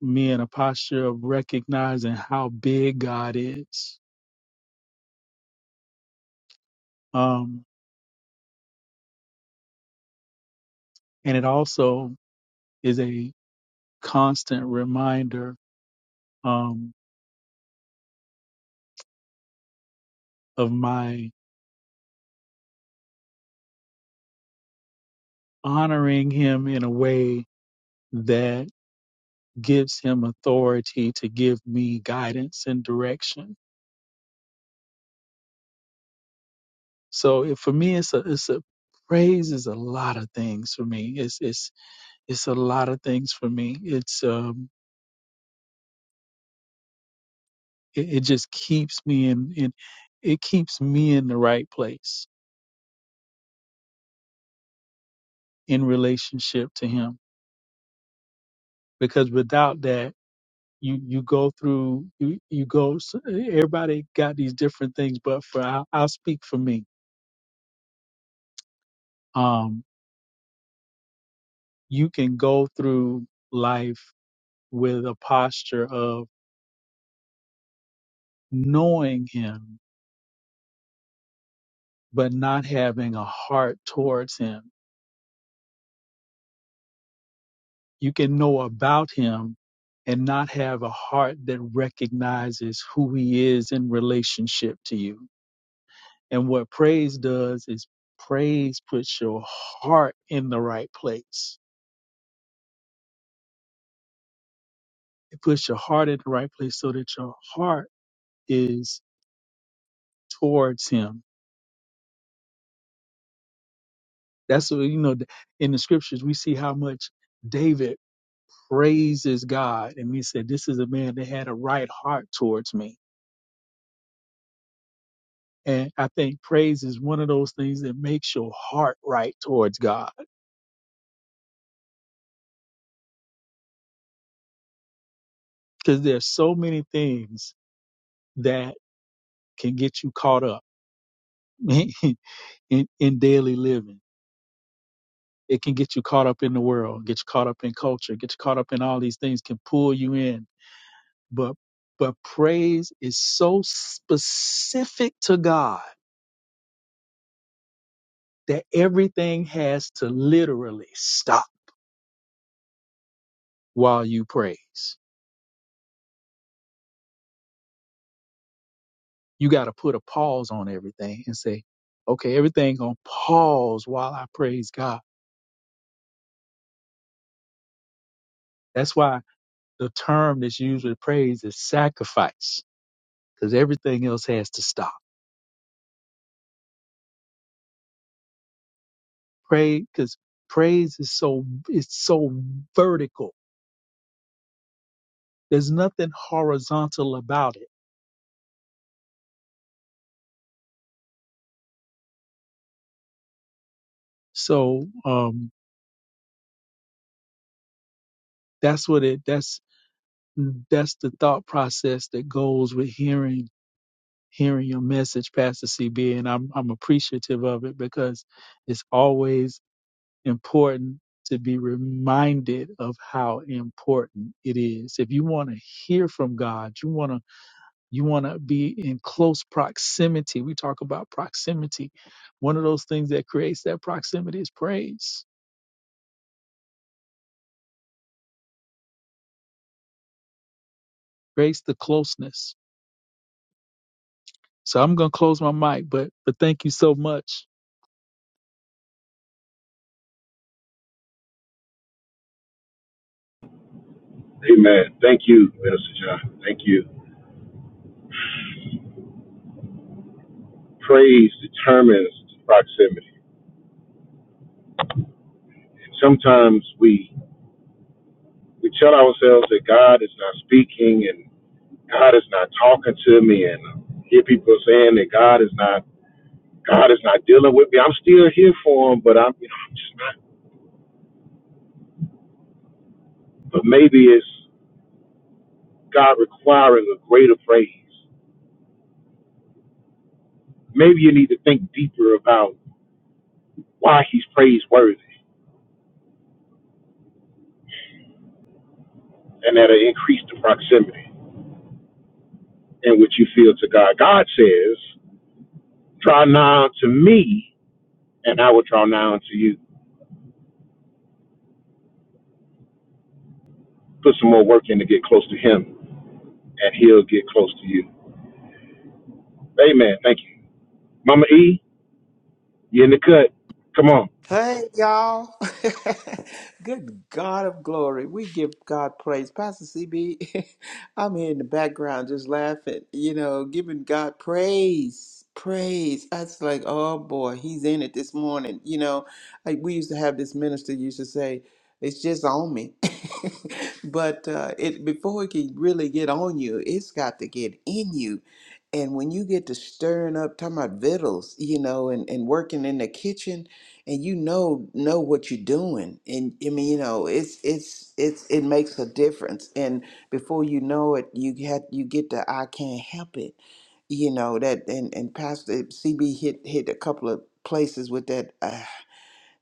Speaker 3: me in a posture of recognizing how big God is, um, and it also is a constant reminder um, of my honoring Him in a way that gives Him authority to give me guidance and direction. So it, for me, it's a it's a praise is a lot of things for me. It's it's it's a lot of things for me. It's um, it, it just keeps me in, in it keeps me in the right place in relationship to Him because without that, you you go through you you go. s- Everybody got these different things, but for I'll, I'll speak for me. Um, you can go through life with a posture of knowing Him, but not having a heart towards Him You can know about him and not have a heart that recognizes who he is in relationship to you. And what praise does is praise puts your heart in the right place. It puts your heart in the right place so that your heart is towards him. That's what, you know, in the scriptures, we see how much David praises God. And we said, This is a man that had a right heart towards me. And I think praise is one of those things that makes your heart right towards God because there's so many things that can get you caught up in, in daily living. It can get you caught up in the world, get you caught up in culture, get you caught up in all these things can pull you in. But but praise is so specific to God that everything has to literally stop while you praise. you got to put a pause on everything and say, okay, everything gonna pause while I praise God. That's why the term that's usually praised is sacrifice, because everything else has to stop. Pray, because praise is so it's so vertical. There's nothing horizontal about it. So um, that's what it. That's that's the thought process that goes with hearing hearing your message, Pastor CB, and I'm I'm appreciative of it because it's always important to be reminded of how important it is. If you want to hear from God, you want to you want to be in close proximity. We talk about proximity. One of those things that creates that proximity is praise. Creates the closeness. So I'm going to close my mic, but but thank you so much.
Speaker 1: Amen. Thank you, Minister John. Thank you. Praise determines proximity. Sometimes we we tell ourselves that God is not speaking and God is not talking to me and hear people saying that God is not God is not dealing with me. I'm still here for him, but I'm you know, I'm just not but maybe it's God requiring a greater praise. Maybe you need to think deeper about why he's praiseworthy and that'll increase the proximity in which you feel to God. God says, Draw nigh to me and I will draw nigh unto you. Put some more work in to get close to him and he'll get close to you. Amen. Thank you. Mama E, You in the cut. Come on.
Speaker 4: Hey, y'all. Good God of glory. We give God praise. Pastor CB, I'm here in the background just laughing, you know, giving God praise. Praise. That's like, oh boy, he's in it this morning. You know, I, we used to have this minister used to say, it's just on me. but uh, it before it can really get on you, it's got to get in you. And when you get to stirring up, talking about victuals, you know, and, and working in the kitchen, and you know know what you're doing and i mean you know it's it's it's it makes a difference and before you know it you get you get the i can't help it you know that and and pastor cb hit hit a couple of places with that uh,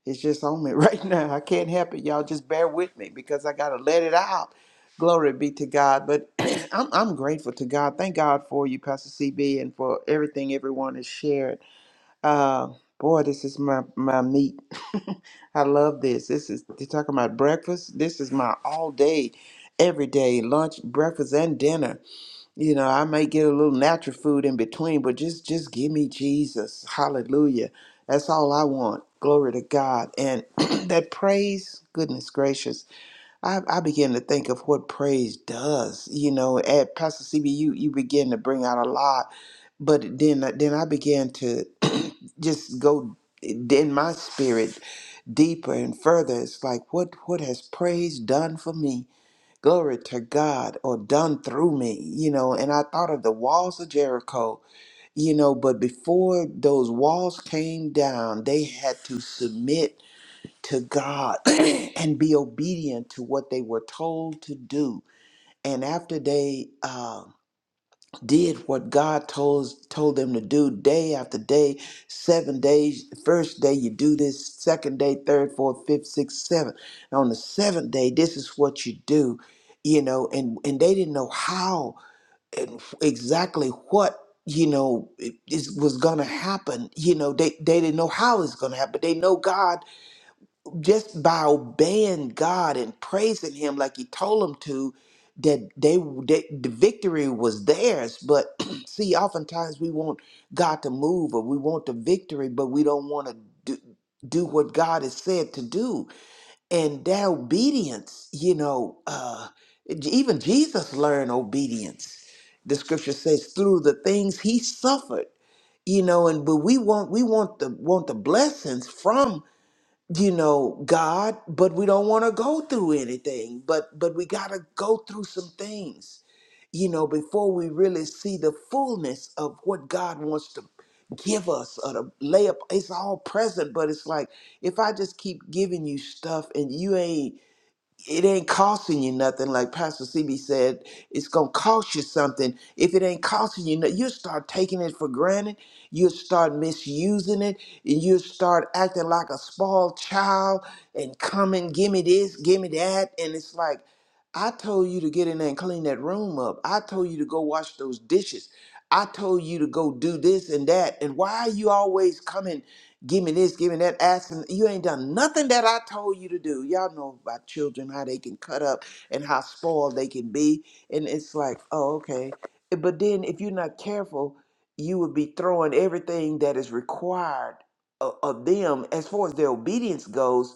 Speaker 4: it's just on me right now i can't help it y'all just bear with me because i gotta let it out glory be to god but i'm, I'm grateful to god thank god for you pastor cb and for everything everyone has shared uh, boy, this is my my meat. I love this. This is they're talking about breakfast. This is my all day, every day lunch, breakfast, and dinner. You know, I may get a little natural food in between, but just just give me Jesus. Hallelujah. That's all I want. Glory to God. And that praise, goodness gracious. I, I began to think of what praise does, you know. At Pastor CB, you you begin to bring out a lot, but then then I began to just go in my spirit deeper and further. It's like what what has praise done for me? Glory to God, or done through me, you know. And I thought of the walls of Jericho, you know. But before those walls came down, they had to submit to God and be obedient to what they were told to do. And after they uh, did what God told told them to do, day after day, seven days. First day you do this, second day, third, fourth, fifth, sixth, seventh. And on the seventh day, this is what you do, you know. And and they didn't know how and exactly what you know it, it was going to happen. You know, they they didn't know how it's going to happen. They know God just by obeying God and praising Him like He told them to, that they that the victory was theirs. But see, oftentimes we want God to move or we want the victory, but we don't want to do, do what God has said to do. And that obedience, you know, uh, even Jesus learned obedience. The Scripture says through the things He suffered you know and but we want we want the want the blessings from you know god but we don't want to go through anything but but we got to go through some things you know before we really see the fullness of what god wants to give us or to lay up it's all present but it's like if i just keep giving you stuff and you ain't it ain't costing you nothing. Like Pastor CB said, it's gonna cost you something. If it ain't costing you, no- you'll start taking it for granted. You'll start misusing it, and you'll start acting like a spoiled child and coming, give me this, give me that, and it's like, I told you to get in there and clean that room up. I told you to go wash those dishes. I told you to go do this and that. And why are you always coming? give me this, give me that, asking you ain't done nothing that I told you to do. Y'all know about children how they can cut up and how spoiled they can be, and it's like, oh okay. But then if you're not careful, you would be throwing everything that is required of, of them as far as their obedience goes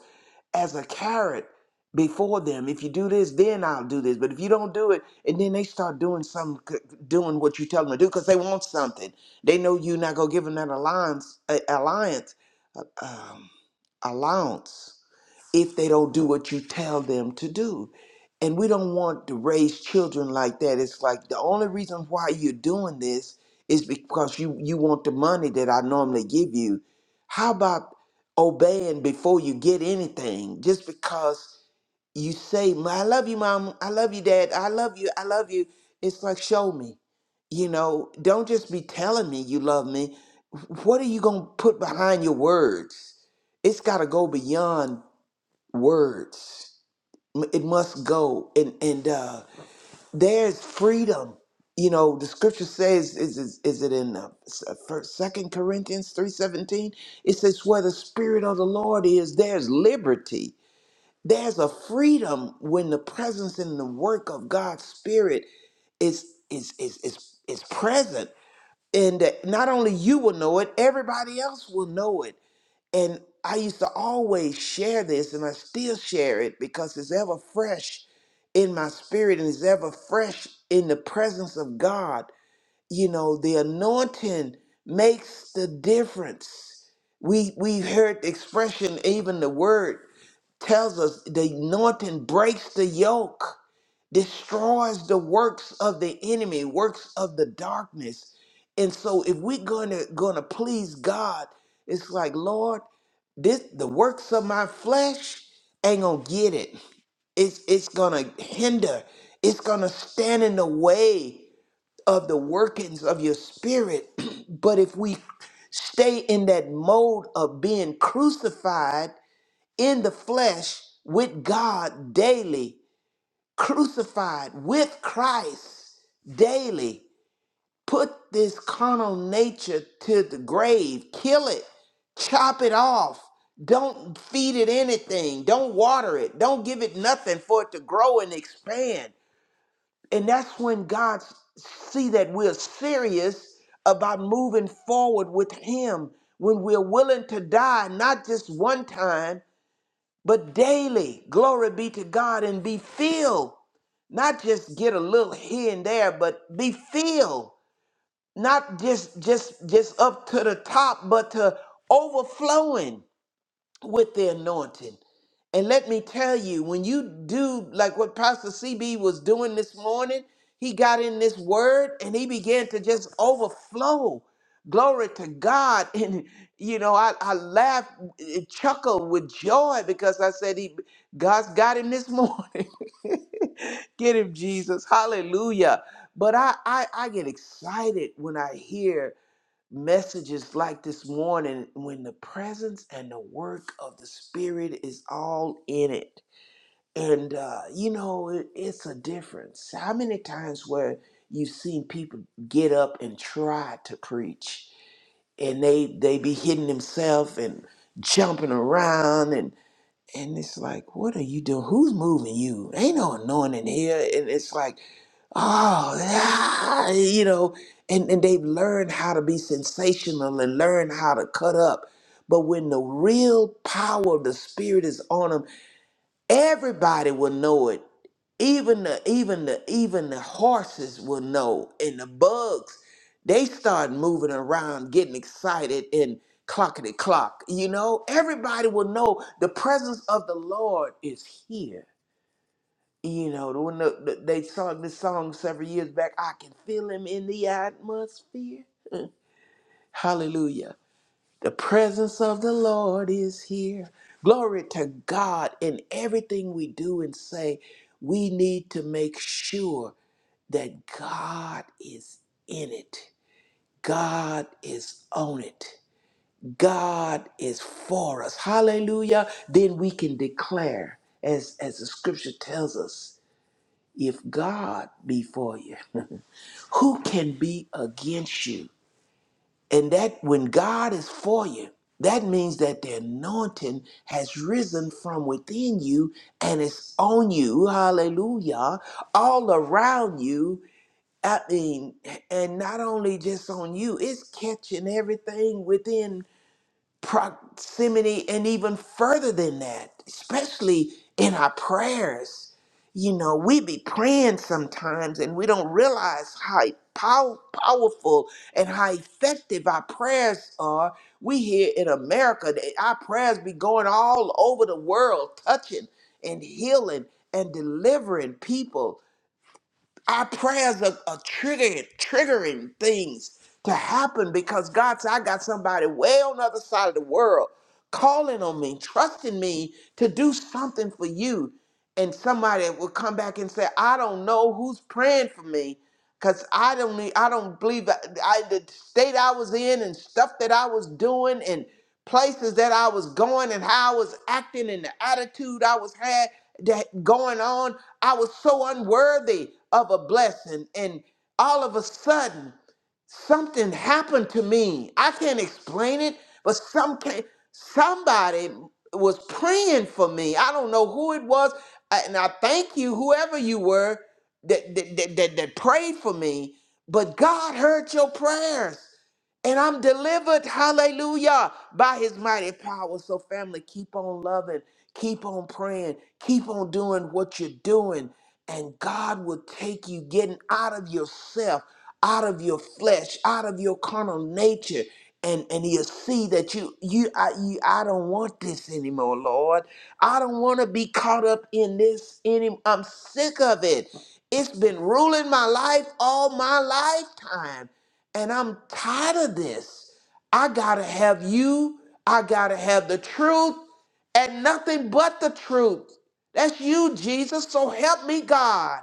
Speaker 4: as a carrot before them. If you do this, then I'll do this. But if you don't do it, and then they start doing some, doing what you tell them to do because they want something. They know you're not gonna give them that alliance, uh, alliance, uh, um, allowance if they don't do what you tell them to do. And we don't want to raise children like that. It's like the only reason why you're doing this is because you you want the money that I normally give you. How about obeying before you get anything just because you say "Ma- i love you mom i love you dad i love you i love you it's like show me you know don't just be telling me you love me what are you going to put behind your words it's got to go beyond words M- it must go and and uh there's freedom you know the scripture says is is, is it in uh, s- uh, first second corinthians 3.17 it says where the spirit of the lord is there's liberty there's a freedom when the presence and the work of god's spirit is is is is, is present and that not only you will know it everybody else will know it and I used to always share this, and I still share it because it's ever fresh in my spirit and it's ever fresh in the presence of God. You know, the anointing makes the difference. We we heard the expression, even the word tells us the anointing breaks the yoke destroys the works of the enemy, works of the darkness. And so if we're gonna gonna please God, it's like, Lord, this the works of my flesh ain't gonna get it. It's it's gonna hinder, it's gonna stand in the way of the workings of your spirit. but if we stay in that mode of being crucified in the flesh with God daily, crucified with Christ daily. Put this carnal nature to the grave, kill it, chop it off. Don't feed it anything, don't water it, don't give it nothing for it to grow and expand. And that's when God s- see that we're serious about moving forward with him when we're willing to die not just one time but daily, glory be to God and be filled. Not just get a little here and there, but be filled. Not just just just up to the top, but to overflowing with the anointing. And let me tell you, when you do like what Pastor CB was doing this morning, he got in this word and he began to just overflow. Glory to God. And, you know, I, I laughed, eh, chuckled with joy because I said, he, God's got him this morning. Get him, Jesus. Hallelujah. But I, I, I get excited when I hear messages like this morning when the presence and the work of the spirit is all in it and uh, you know it, it's a difference how many times where you've seen people get up and try to preach and they they be hitting themselves and jumping around and and it's like what are you doing who's moving you ain't no anointing here and it's like oh, yeah, you know, and, and they've learned how to be sensational and learn how to cut up. But when the real power of the Spirit is on them, everybody will know it. Even the even the even the horses will know, and the bugs, they start moving around, getting excited, and clockety clock. You know, everybody will know the presence of the Lord is here. You know, the- when the, the, they sung this song several years back, I can feel him in the atmosphere. Hallelujah. The presence of the Lord is here. Glory to God. In everything we do and say, we need to make sure that God is in it. God is on it. God is for us. Hallelujah. Then we can declare, as, as the scripture tells us. If God be for you, who can be against you? And that when God is for you, that means that the anointing has risen from within you and it's on you, hallelujah, all around you. I mean, and not only just on you, it's catching everything within proximity and even further than that, especially in our prayers. You know, we be praying sometimes and we don't realize how pow- powerful and how effective our prayers are. We here in America, they- our prayers be going all over the world, touching and healing and delivering people. Our prayers are, are triggering, triggering things to happen because God said, I got somebody way on the other side of the world calling on me, trusting me to do something for you. And somebody will come back and say, I don't know who's praying for me. Cause I don't need, I don't believe I, I- the state I was in and stuff that I was doing and places that I was going and how I was acting and the attitude I was had that going on. I was so unworthy of a blessing. And all of a sudden, something happened to me. I can't explain it, but some somebody was praying for me. I don't know who it was, I- and I thank you, whoever you were, that that, that, that that prayed for me. But God heard your prayers, and I'm delivered. Hallelujah! By His mighty power. So, family, keep on loving, keep on praying, keep on doing what you're doing and God will take you getting out of yourself, out of your flesh, out of your carnal nature, and and He'll see that you you I you I don't want this anymore, Lord. I don't want to be caught up in this anymore. I'm sick of it. It's been ruling my life all my lifetime, and I'm tired of this. I gotta have you. I gotta have the truth and nothing but the truth. That's you, Jesus. So help me, God.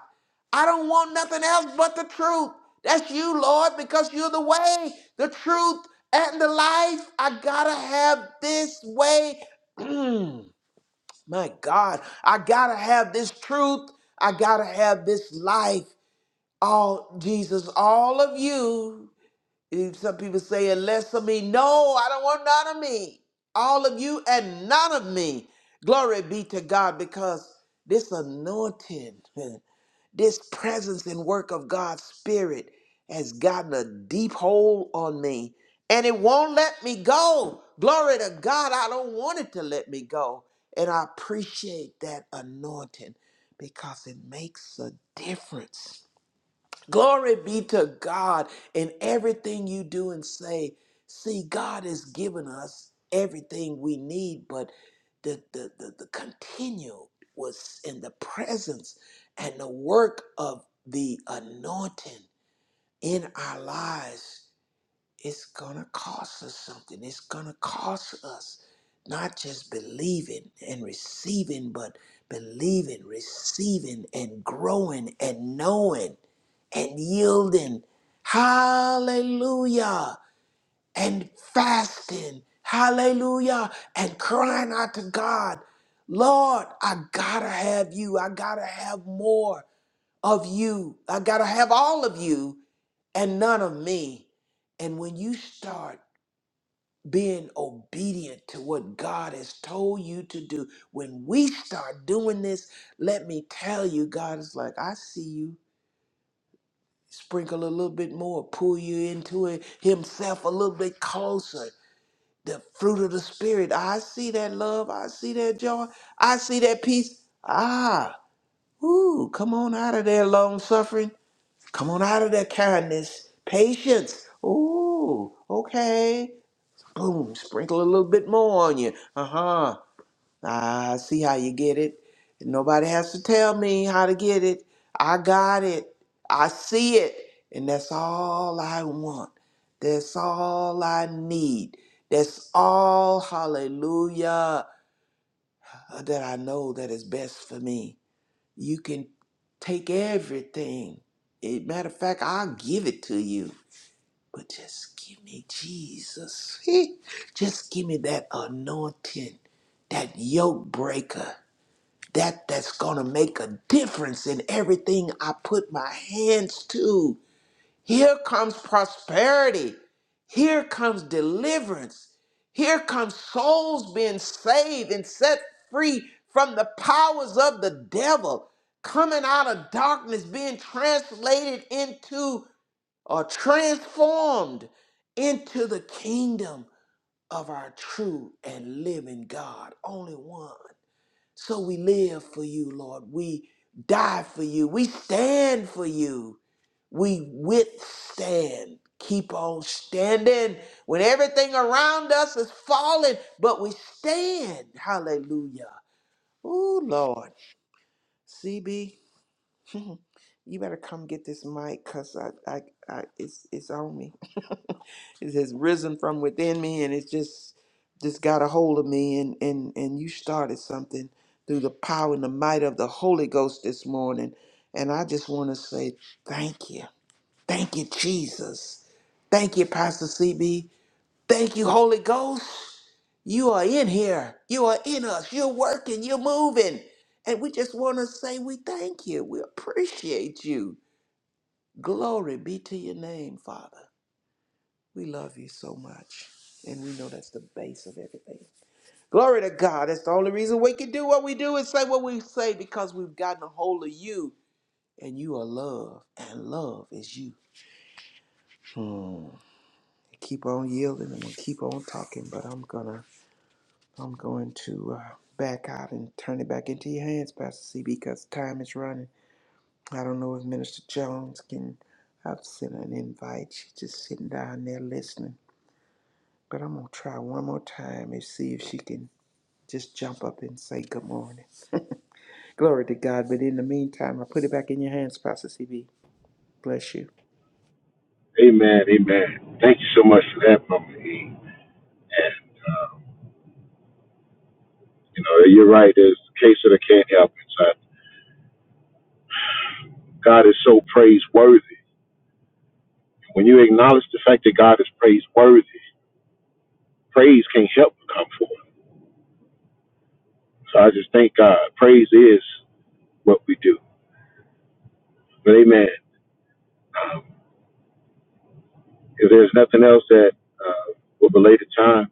Speaker 4: I don't want nothing else but the truth. That's you, Lord, because you're the way, the truth, and the life. I gotta have this way. My God, I gotta have this truth. I gotta have this life. All Jesus, all of you. Eh, Some people say, unless of me. No, I don't want none of me. All of you and none of me. Glory be to God because this anointing, this presence and work of God's Spirit has gotten a deep hold on me and it won't let me go. Glory to God, I don't want it to let me go. And I appreciate that anointing because it makes a difference. Glory be to God in everything you do and say. See, God has given us everything we need, but the the the, the continue was in the presence and the work of the anointing in our lives it's gonna cost us something. It's gonna cost us not just believing and receiving, but believing, receiving, and growing and knowing and yielding. Hallelujah. And fasting. Hallelujah. And crying out to God, Lord, I gotta have you. I gotta have more of you. I gotta have all of you and none of me. And when you start being obedient to what God has told you to do. When we start doing this, let me tell you, God is like, I see you. Sprinkle a little bit more, pull you into it himself a little bit closer. The fruit of the spirit. I see that love. I see that joy. I see that peace. Ah, ooh, come on out of there, long suffering. Come on out of there, kindness, patience. Ooh, okay boom, sprinkle a little bit more on you. Uh huh. I see how you get it. Nobody has to tell me how to get it. I got it. I see it. And that's all I want. That's all I need. That's all, hallelujah, uh, that I know that is best for me. You can take everything. Eh, Matter of fact, I'll give it to you. But just give me Jesus. just give me that anointing, that yoke breaker, that that's going to make a difference in everything I put my hands to. Here comes prosperity. Here comes deliverance. Here comes souls being saved and set free from the powers of the devil, coming out of darkness, being translated into are transformed into the kingdom of our true and living God. Only one. So we live for you, Lord. We die for you. We stand for you. We withstand. Keep on standing when everything around us is falling, but we stand. Hallelujah. Oh, Lord. CB, you better come get this mic because I, I, I, it's, it's on me. It has risen from within me and it's just just got a hold of me and and and you started something through the power and the might of the Holy Ghost this morning. And I just want to say thank you. Thank you, Jesus. Thank you, Pastor CB. Thank you, Holy Ghost. You are in here. You are in us. You're working. You're moving. And we just want to say we thank you. We appreciate you. Glory be to your name, Father. We love you so much. And we know that's the base of everything. Glory to God. That's the only reason we can do what we do and say what we say because we've gotten a hold of you. And you are love. And love is you. Hmm. I Keep on yielding. I'm gonna keep on talking, but I'm gonna I'm going to uh, back out and turn it back into your hands, Pastor C, because time is running. I don't know if Minister Jones can I've sent an invite. She's just sitting down there listening. But I'm gonna try one more time and see if she can Just jump up and say good morning. Glory to God. But in the meantime, I put it back in your hands, Pastor CB. Bless you.
Speaker 1: Amen. Amen. Thank you so much for that, Mama E. And, um, you know, you're right. There's a case that I can't help inside. God is so praiseworthy. When you acknowledge the fact that God is praiseworthy, praise can't help but come forth. So I just thank God. Praise is what we do. But amen. If there's nothing else that uh, will belay the time,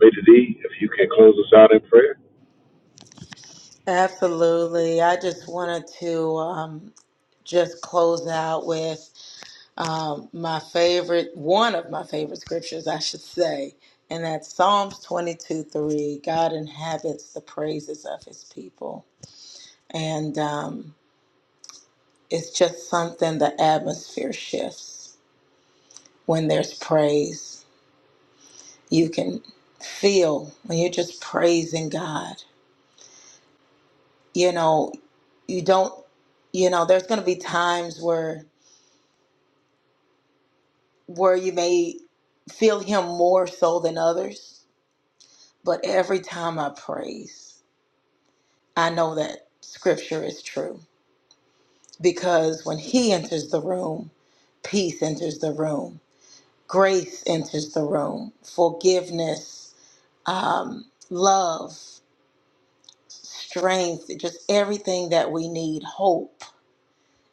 Speaker 1: Lady D, if you can close us out in prayer.
Speaker 2: Absolutely. I just wanted to um, just close out with um, my favorite, one of my favorite scriptures, I should say, and that's Psalms 22 3. God inhabits the praises of his people. And um, it's just something the atmosphere shifts when there's praise. You can feel when you're just praising God. You know, you don't, you know, there's going to be times where where you may feel him more so than others. But every time I praise, I know that scripture is true because when he enters the room, peace enters the room, grace enters the room, forgiveness, um, love, strength, just everything that we need, hope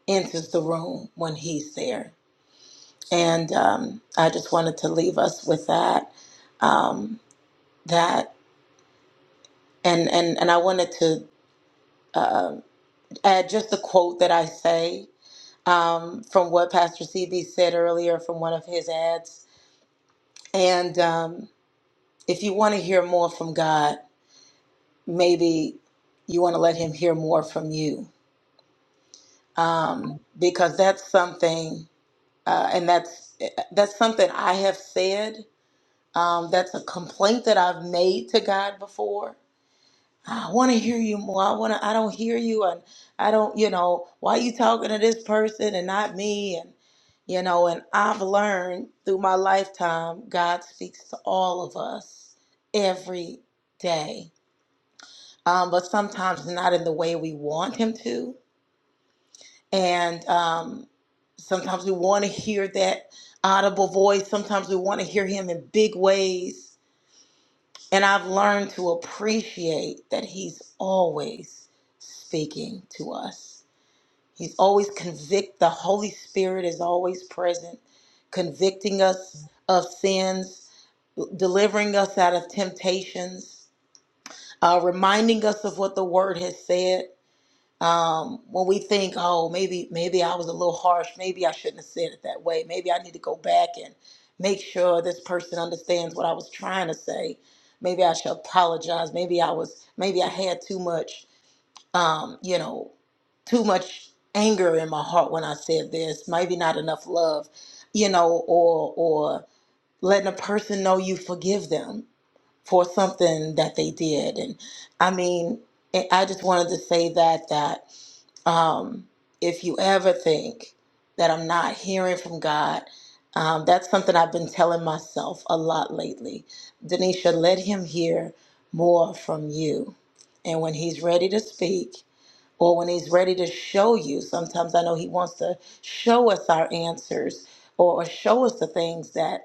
Speaker 2: enters the room when he's there. And um, I just wanted to leave us with that. Um, that and and and I wanted to uh, add just a quote that I say um, from what Pastor CB said earlier from one of his ads. And um, if you want to hear more from God, maybe you want to let Him hear more from you, um, because that's something, uh, and that's that's something I have said. Um, that's a complaint that I've made to God before I want to hear you more. I want to. I don't hear you, and I don't. You know, why you talking to this person and not me? And you know, and I've learned through my lifetime, God speaks to all of us every day, um, but sometimes not in the way we want Him to, and um, sometimes we want to hear that audible voice. Sometimes we want to hear Him in big ways and I've learned to appreciate that He's always speaking to us. He's always convict. The Holy Spirit is always present, convicting us of sins, delivering us out of temptations, uh, reminding us of what the Word has said um, when we think, oh, maybe maybe I was a little harsh, maybe I shouldn't have said it that way, maybe I need to go back and make sure this person understands what I was trying to say. Maybe I should apologize. Maybe I was maybe I had too much, um, you know, too much anger in my heart when I said this. Maybe not enough love, you know, or or letting a person know you forgive them for something that they did. And I mean, I I just wanted to say that that um, if you ever think that I'm not hearing from God, um, that's something I've been telling myself a lot lately. Denisha, let him hear more from you. And when he's ready to speak, or when he's ready to show you, sometimes I know he wants to show us our answers or, or show us the things that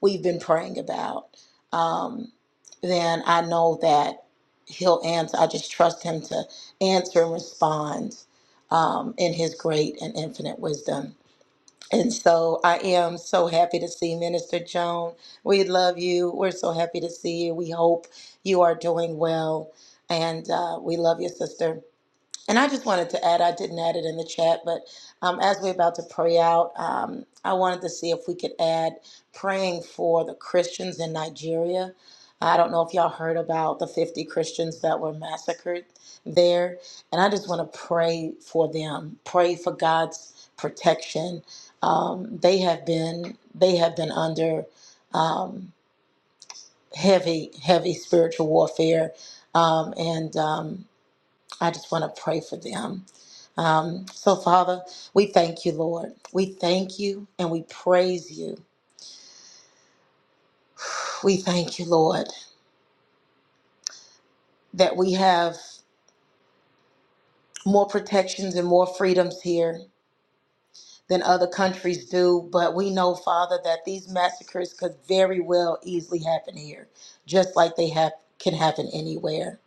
Speaker 2: we've been praying about, um, then I know that He'll answer. I just trust Him to answer and respond um, in His great and infinite wisdom. And so I am so happy to see Minister Joan. We love you. We're so happy to see you. We hope you are doing well. And uh, we love you, sister. And I just wanted to add, I didn't add it in the chat, but um, as we're about to pray out, um, I wanted to see if we could add praying for the Christians in Nigeria. I don't know if y'all heard about the 50 Christians that were massacred there. And I just want to pray for them, pray for God's protection. Um, they have been they have been under um, heavy, heavy spiritual warfare. Um, and um, I just want to pray for them. Um, so, Father, we thank you, Lord. We thank you and we praise you. We thank you, Lord, that we have more protections and more freedoms here than other countries do. But we know, Father, that these massacres could very well easily happen here, just like they have can happen anywhere.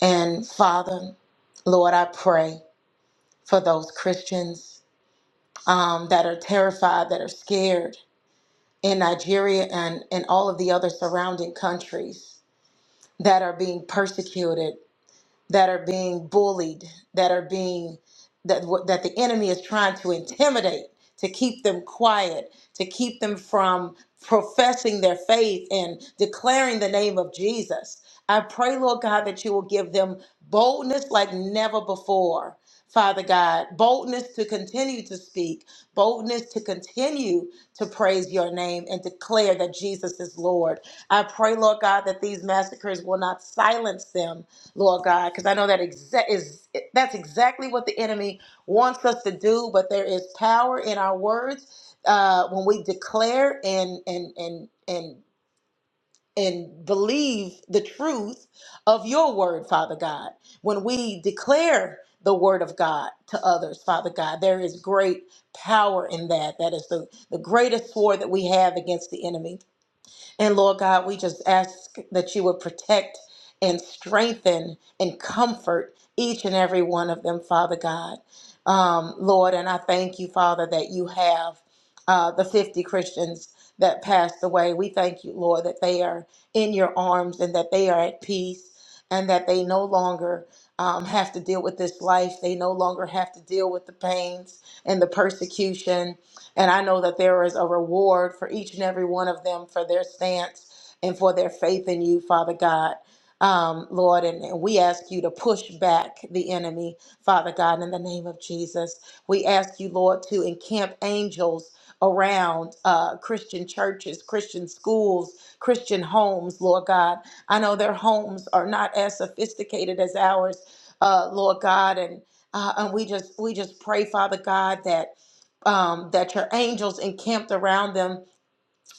Speaker 2: And Father, Lord, I pray for those Christians um, that are terrified, that are scared in Nigeria and, in all of the other surrounding countries that are being persecuted that are being bullied, that are being that what- that the enemy is trying to intimidate, to keep them quiet, to keep them from professing their faith and declaring the name of Jesus. I pray, Lord God, that you will give them boldness like never before. Father God, boldness to continue to speak, boldness to continue to praise your name and declare that Jesus is Lord. I pray, Lord God, that these massacres will not silence them, Lord God, because I know that exa- is that's exactly what the enemy wants us to do. But there is power in our words uh, when we declare and and and and and believe the truth of your word, Father God. When we declare the word of God to others, Father God, there is great power in that. That is the, the greatest sword that we have against the enemy. And Lord God, we just ask that you would protect and strengthen and comfort each and every one of them, Father God. Um, Lord, and I thank you, Father, that you have uh, the 50 Christians that passed away. We thank you, Lord, that they are in your arms and that they are at peace and that they no longer um, have to deal with this life. They no longer have to deal with the pains and the persecution and I know that there is a reward for each and every one of them for their stance and for their faith in you, Father God. Um, Lord, and, and we ask you to push back the enemy, Father God, in the name of Jesus. We ask you, Lord, to encamp angels around uh, Christian churches, Christian schools, Christian homes, Lord God. I know their homes are not as sophisticated as ours, uh, Lord God, and uh, and we just we just pray, Father God, that um, that your angels encamped around them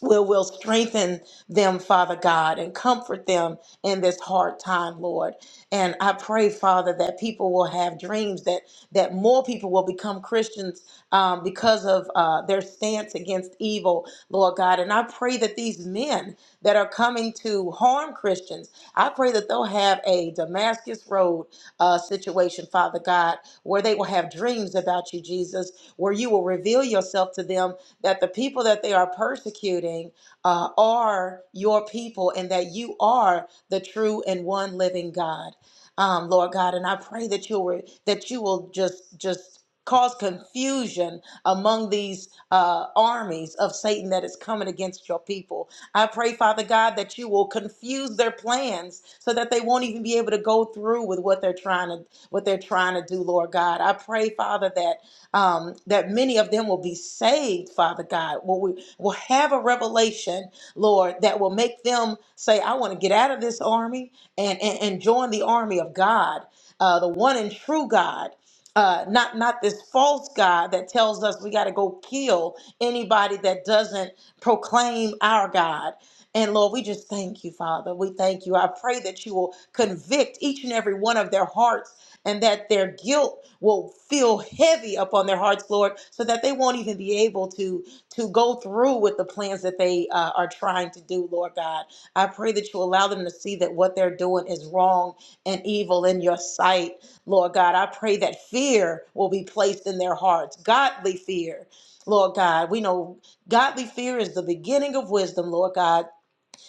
Speaker 2: will will strengthen them, Father God, and comfort them in this hard time, Lord. And I pray, Father, that people will have dreams that that more people will become Christians um, because of uh, their stance against evil, Lord God. And I pray that these men that are coming to harm Christians, I pray that they'll have a Damascus Road uh, situation, Father God, where they will have dreams about you, Jesus, where you will reveal yourself to them that the people that they are persecuting uh, are your people and that you are the true and one living God. Um, Lord God, and I pray that you will that you will just just cause confusion among these uh, armies of Satan that is coming against your people. I pray, Father God, that you will confuse their plans so that they won't even be able to go through with what they're trying to what they're trying to do, Lord God. I pray, Father, that um, that many of them will be saved, Father God. Will we will have a revelation, Lord, that will make them say, "I want to get out of this army and and, and join the army of God, uh, the one and true God." Uh, not not this false God that tells us we got to go kill anybody that doesn't proclaim our God. And Lord, we just thank you, Father. We thank you. I pray that you will convict each and every one of their hearts and that their guilt will feel heavy upon their hearts, Lord, so that they won't even be able to to go through with the plans that they uh, are trying to do, Lord God. I pray that you allow them to see that what they're doing is wrong and evil in your sight, Lord God. I pray that fear will be placed in their hearts, godly fear. Lord God, we know godly fear is the beginning of wisdom, Lord God.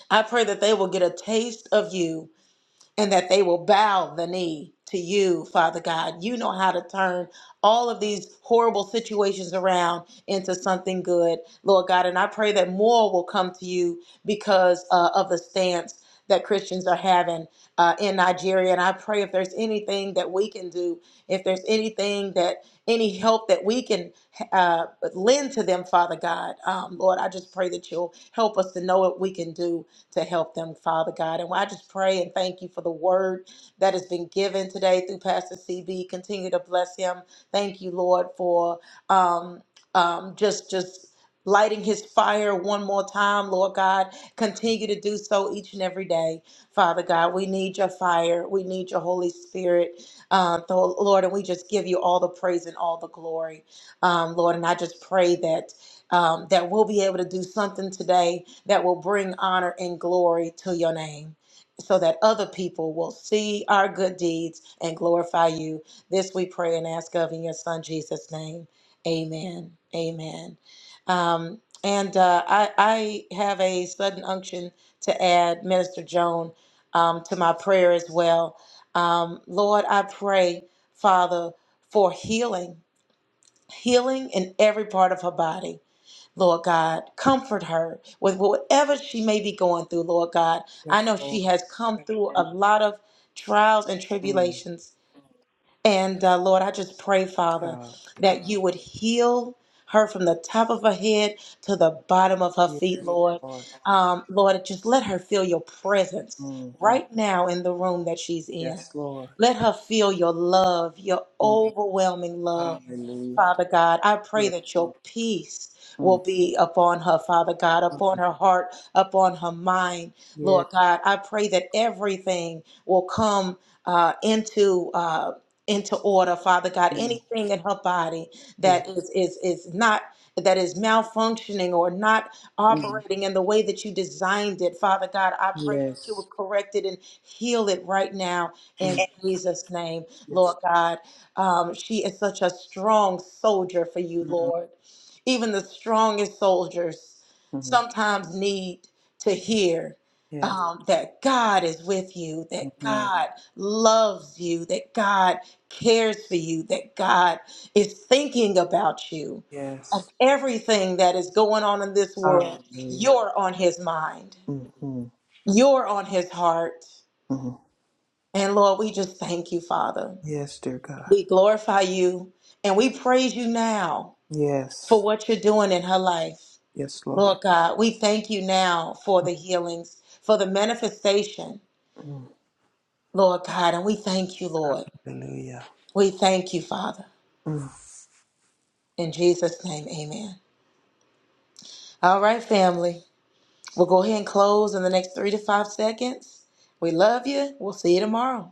Speaker 2: I pray that they will get a taste of you and that they will bow the knee to you, Father God. You know how to turn all of these horrible situations around into something good, Lord God. And I pray that more will come to you because uh, of the stance that Christians are having uh, in Nigeria. And I pray if there's anything that we can do, if there's anything that any help that we can uh, lend to them, Father God, um, Lord, I just pray that you'll help us to know what we can do to help them, Father God. And I just pray and thank you for the word that has been given today through Pastor CB. Continue to bless him. Thank you, Lord, for um, um, just just lighting his fire one more time, Lord God. Continue to do so each and every day, Father God. We need your fire. We need your Holy Spirit, uh, th- Lord. And we just give you all the praise and all the glory, um, Lord. And I just pray that um, that we'll be able to do something today that will bring honor and glory to your name so that other people will see our good deeds and glorify you. This we pray and ask of in your son Jesus' name. Amen. Amen. Um, and uh, I, I have a sudden unction to add, Minister Joan, um, to my prayer as well. Um, Lord, I pray, Father, for healing, healing in every part of her body Lord God, comfort her with whatever she may be going through, Lord God.
Speaker 4: Yes,
Speaker 2: I know
Speaker 4: Lord.
Speaker 2: she has come through a lot of trials and
Speaker 4: Mm.
Speaker 2: tribulations. And uh, Lord, I just pray, Father,
Speaker 4: Ah,
Speaker 2: that you would heal her from the top of her head to the bottom of her feet,
Speaker 4: yes,
Speaker 2: Lord.
Speaker 4: Lord.
Speaker 2: Um, Lord, just let her feel your presence
Speaker 4: Mm, mm.
Speaker 2: right now in the room that she's in.
Speaker 4: Yes, Lord.
Speaker 2: Let her feel your love, your
Speaker 4: Mm.
Speaker 2: overwhelming love.
Speaker 4: Hallelujah.
Speaker 2: Father God. I pray
Speaker 4: Yes,
Speaker 2: that your
Speaker 4: Lord.
Speaker 2: peace will
Speaker 4: Mm.
Speaker 2: be upon her, Father God,
Speaker 4: mm.
Speaker 2: upon her heart, upon her mind,
Speaker 4: Yes.
Speaker 2: Lord God. I pray that everything will come uh, into. Uh, into order, Father God.
Speaker 4: Mm.
Speaker 2: Anything in her body
Speaker 4: Yes.
Speaker 2: that is is is not that is malfunctioning or not
Speaker 4: Mm.
Speaker 2: operating in the way that you designed it, Father God, I pray that you
Speaker 4: Yes.
Speaker 2: would correct it and heal it right now
Speaker 4: Mm.
Speaker 2: in Jesus' name, Lord
Speaker 4: Yes.
Speaker 2: God. Um, she is such a strong soldier for you,
Speaker 4: Mm.
Speaker 2: Lord. Even the strongest soldiers
Speaker 4: Mm.
Speaker 2: sometimes need to hear
Speaker 4: Yes.
Speaker 2: um, that God is with you, that
Speaker 4: Mm-hmm.
Speaker 2: God loves you, that God cares for you, that God is thinking about you. Of
Speaker 4: Yes.
Speaker 2: everything that is going on in this world,
Speaker 4: Hallelujah.
Speaker 2: you're on his mind,
Speaker 4: Mm-hmm.
Speaker 2: you're on his heart.
Speaker 4: Mm-hmm.
Speaker 2: And Lord, we just thank you, Father.
Speaker 4: Yes, dear God.
Speaker 2: We glorify you and we praise you now for
Speaker 4: Yes.
Speaker 2: what you're doing in her life.
Speaker 4: Yes, Lord.
Speaker 2: Lord God, we thank you now for the healings, for the manifestation,
Speaker 4: Mm.
Speaker 2: Lord God, and we thank you, Lord.
Speaker 4: Hallelujah.
Speaker 2: We thank you, Father.
Speaker 4: Mm.
Speaker 2: In Jesus' name, amen. All right, family. We'll go ahead and close in the next three to five seconds. We love you. We'll see you tomorrow.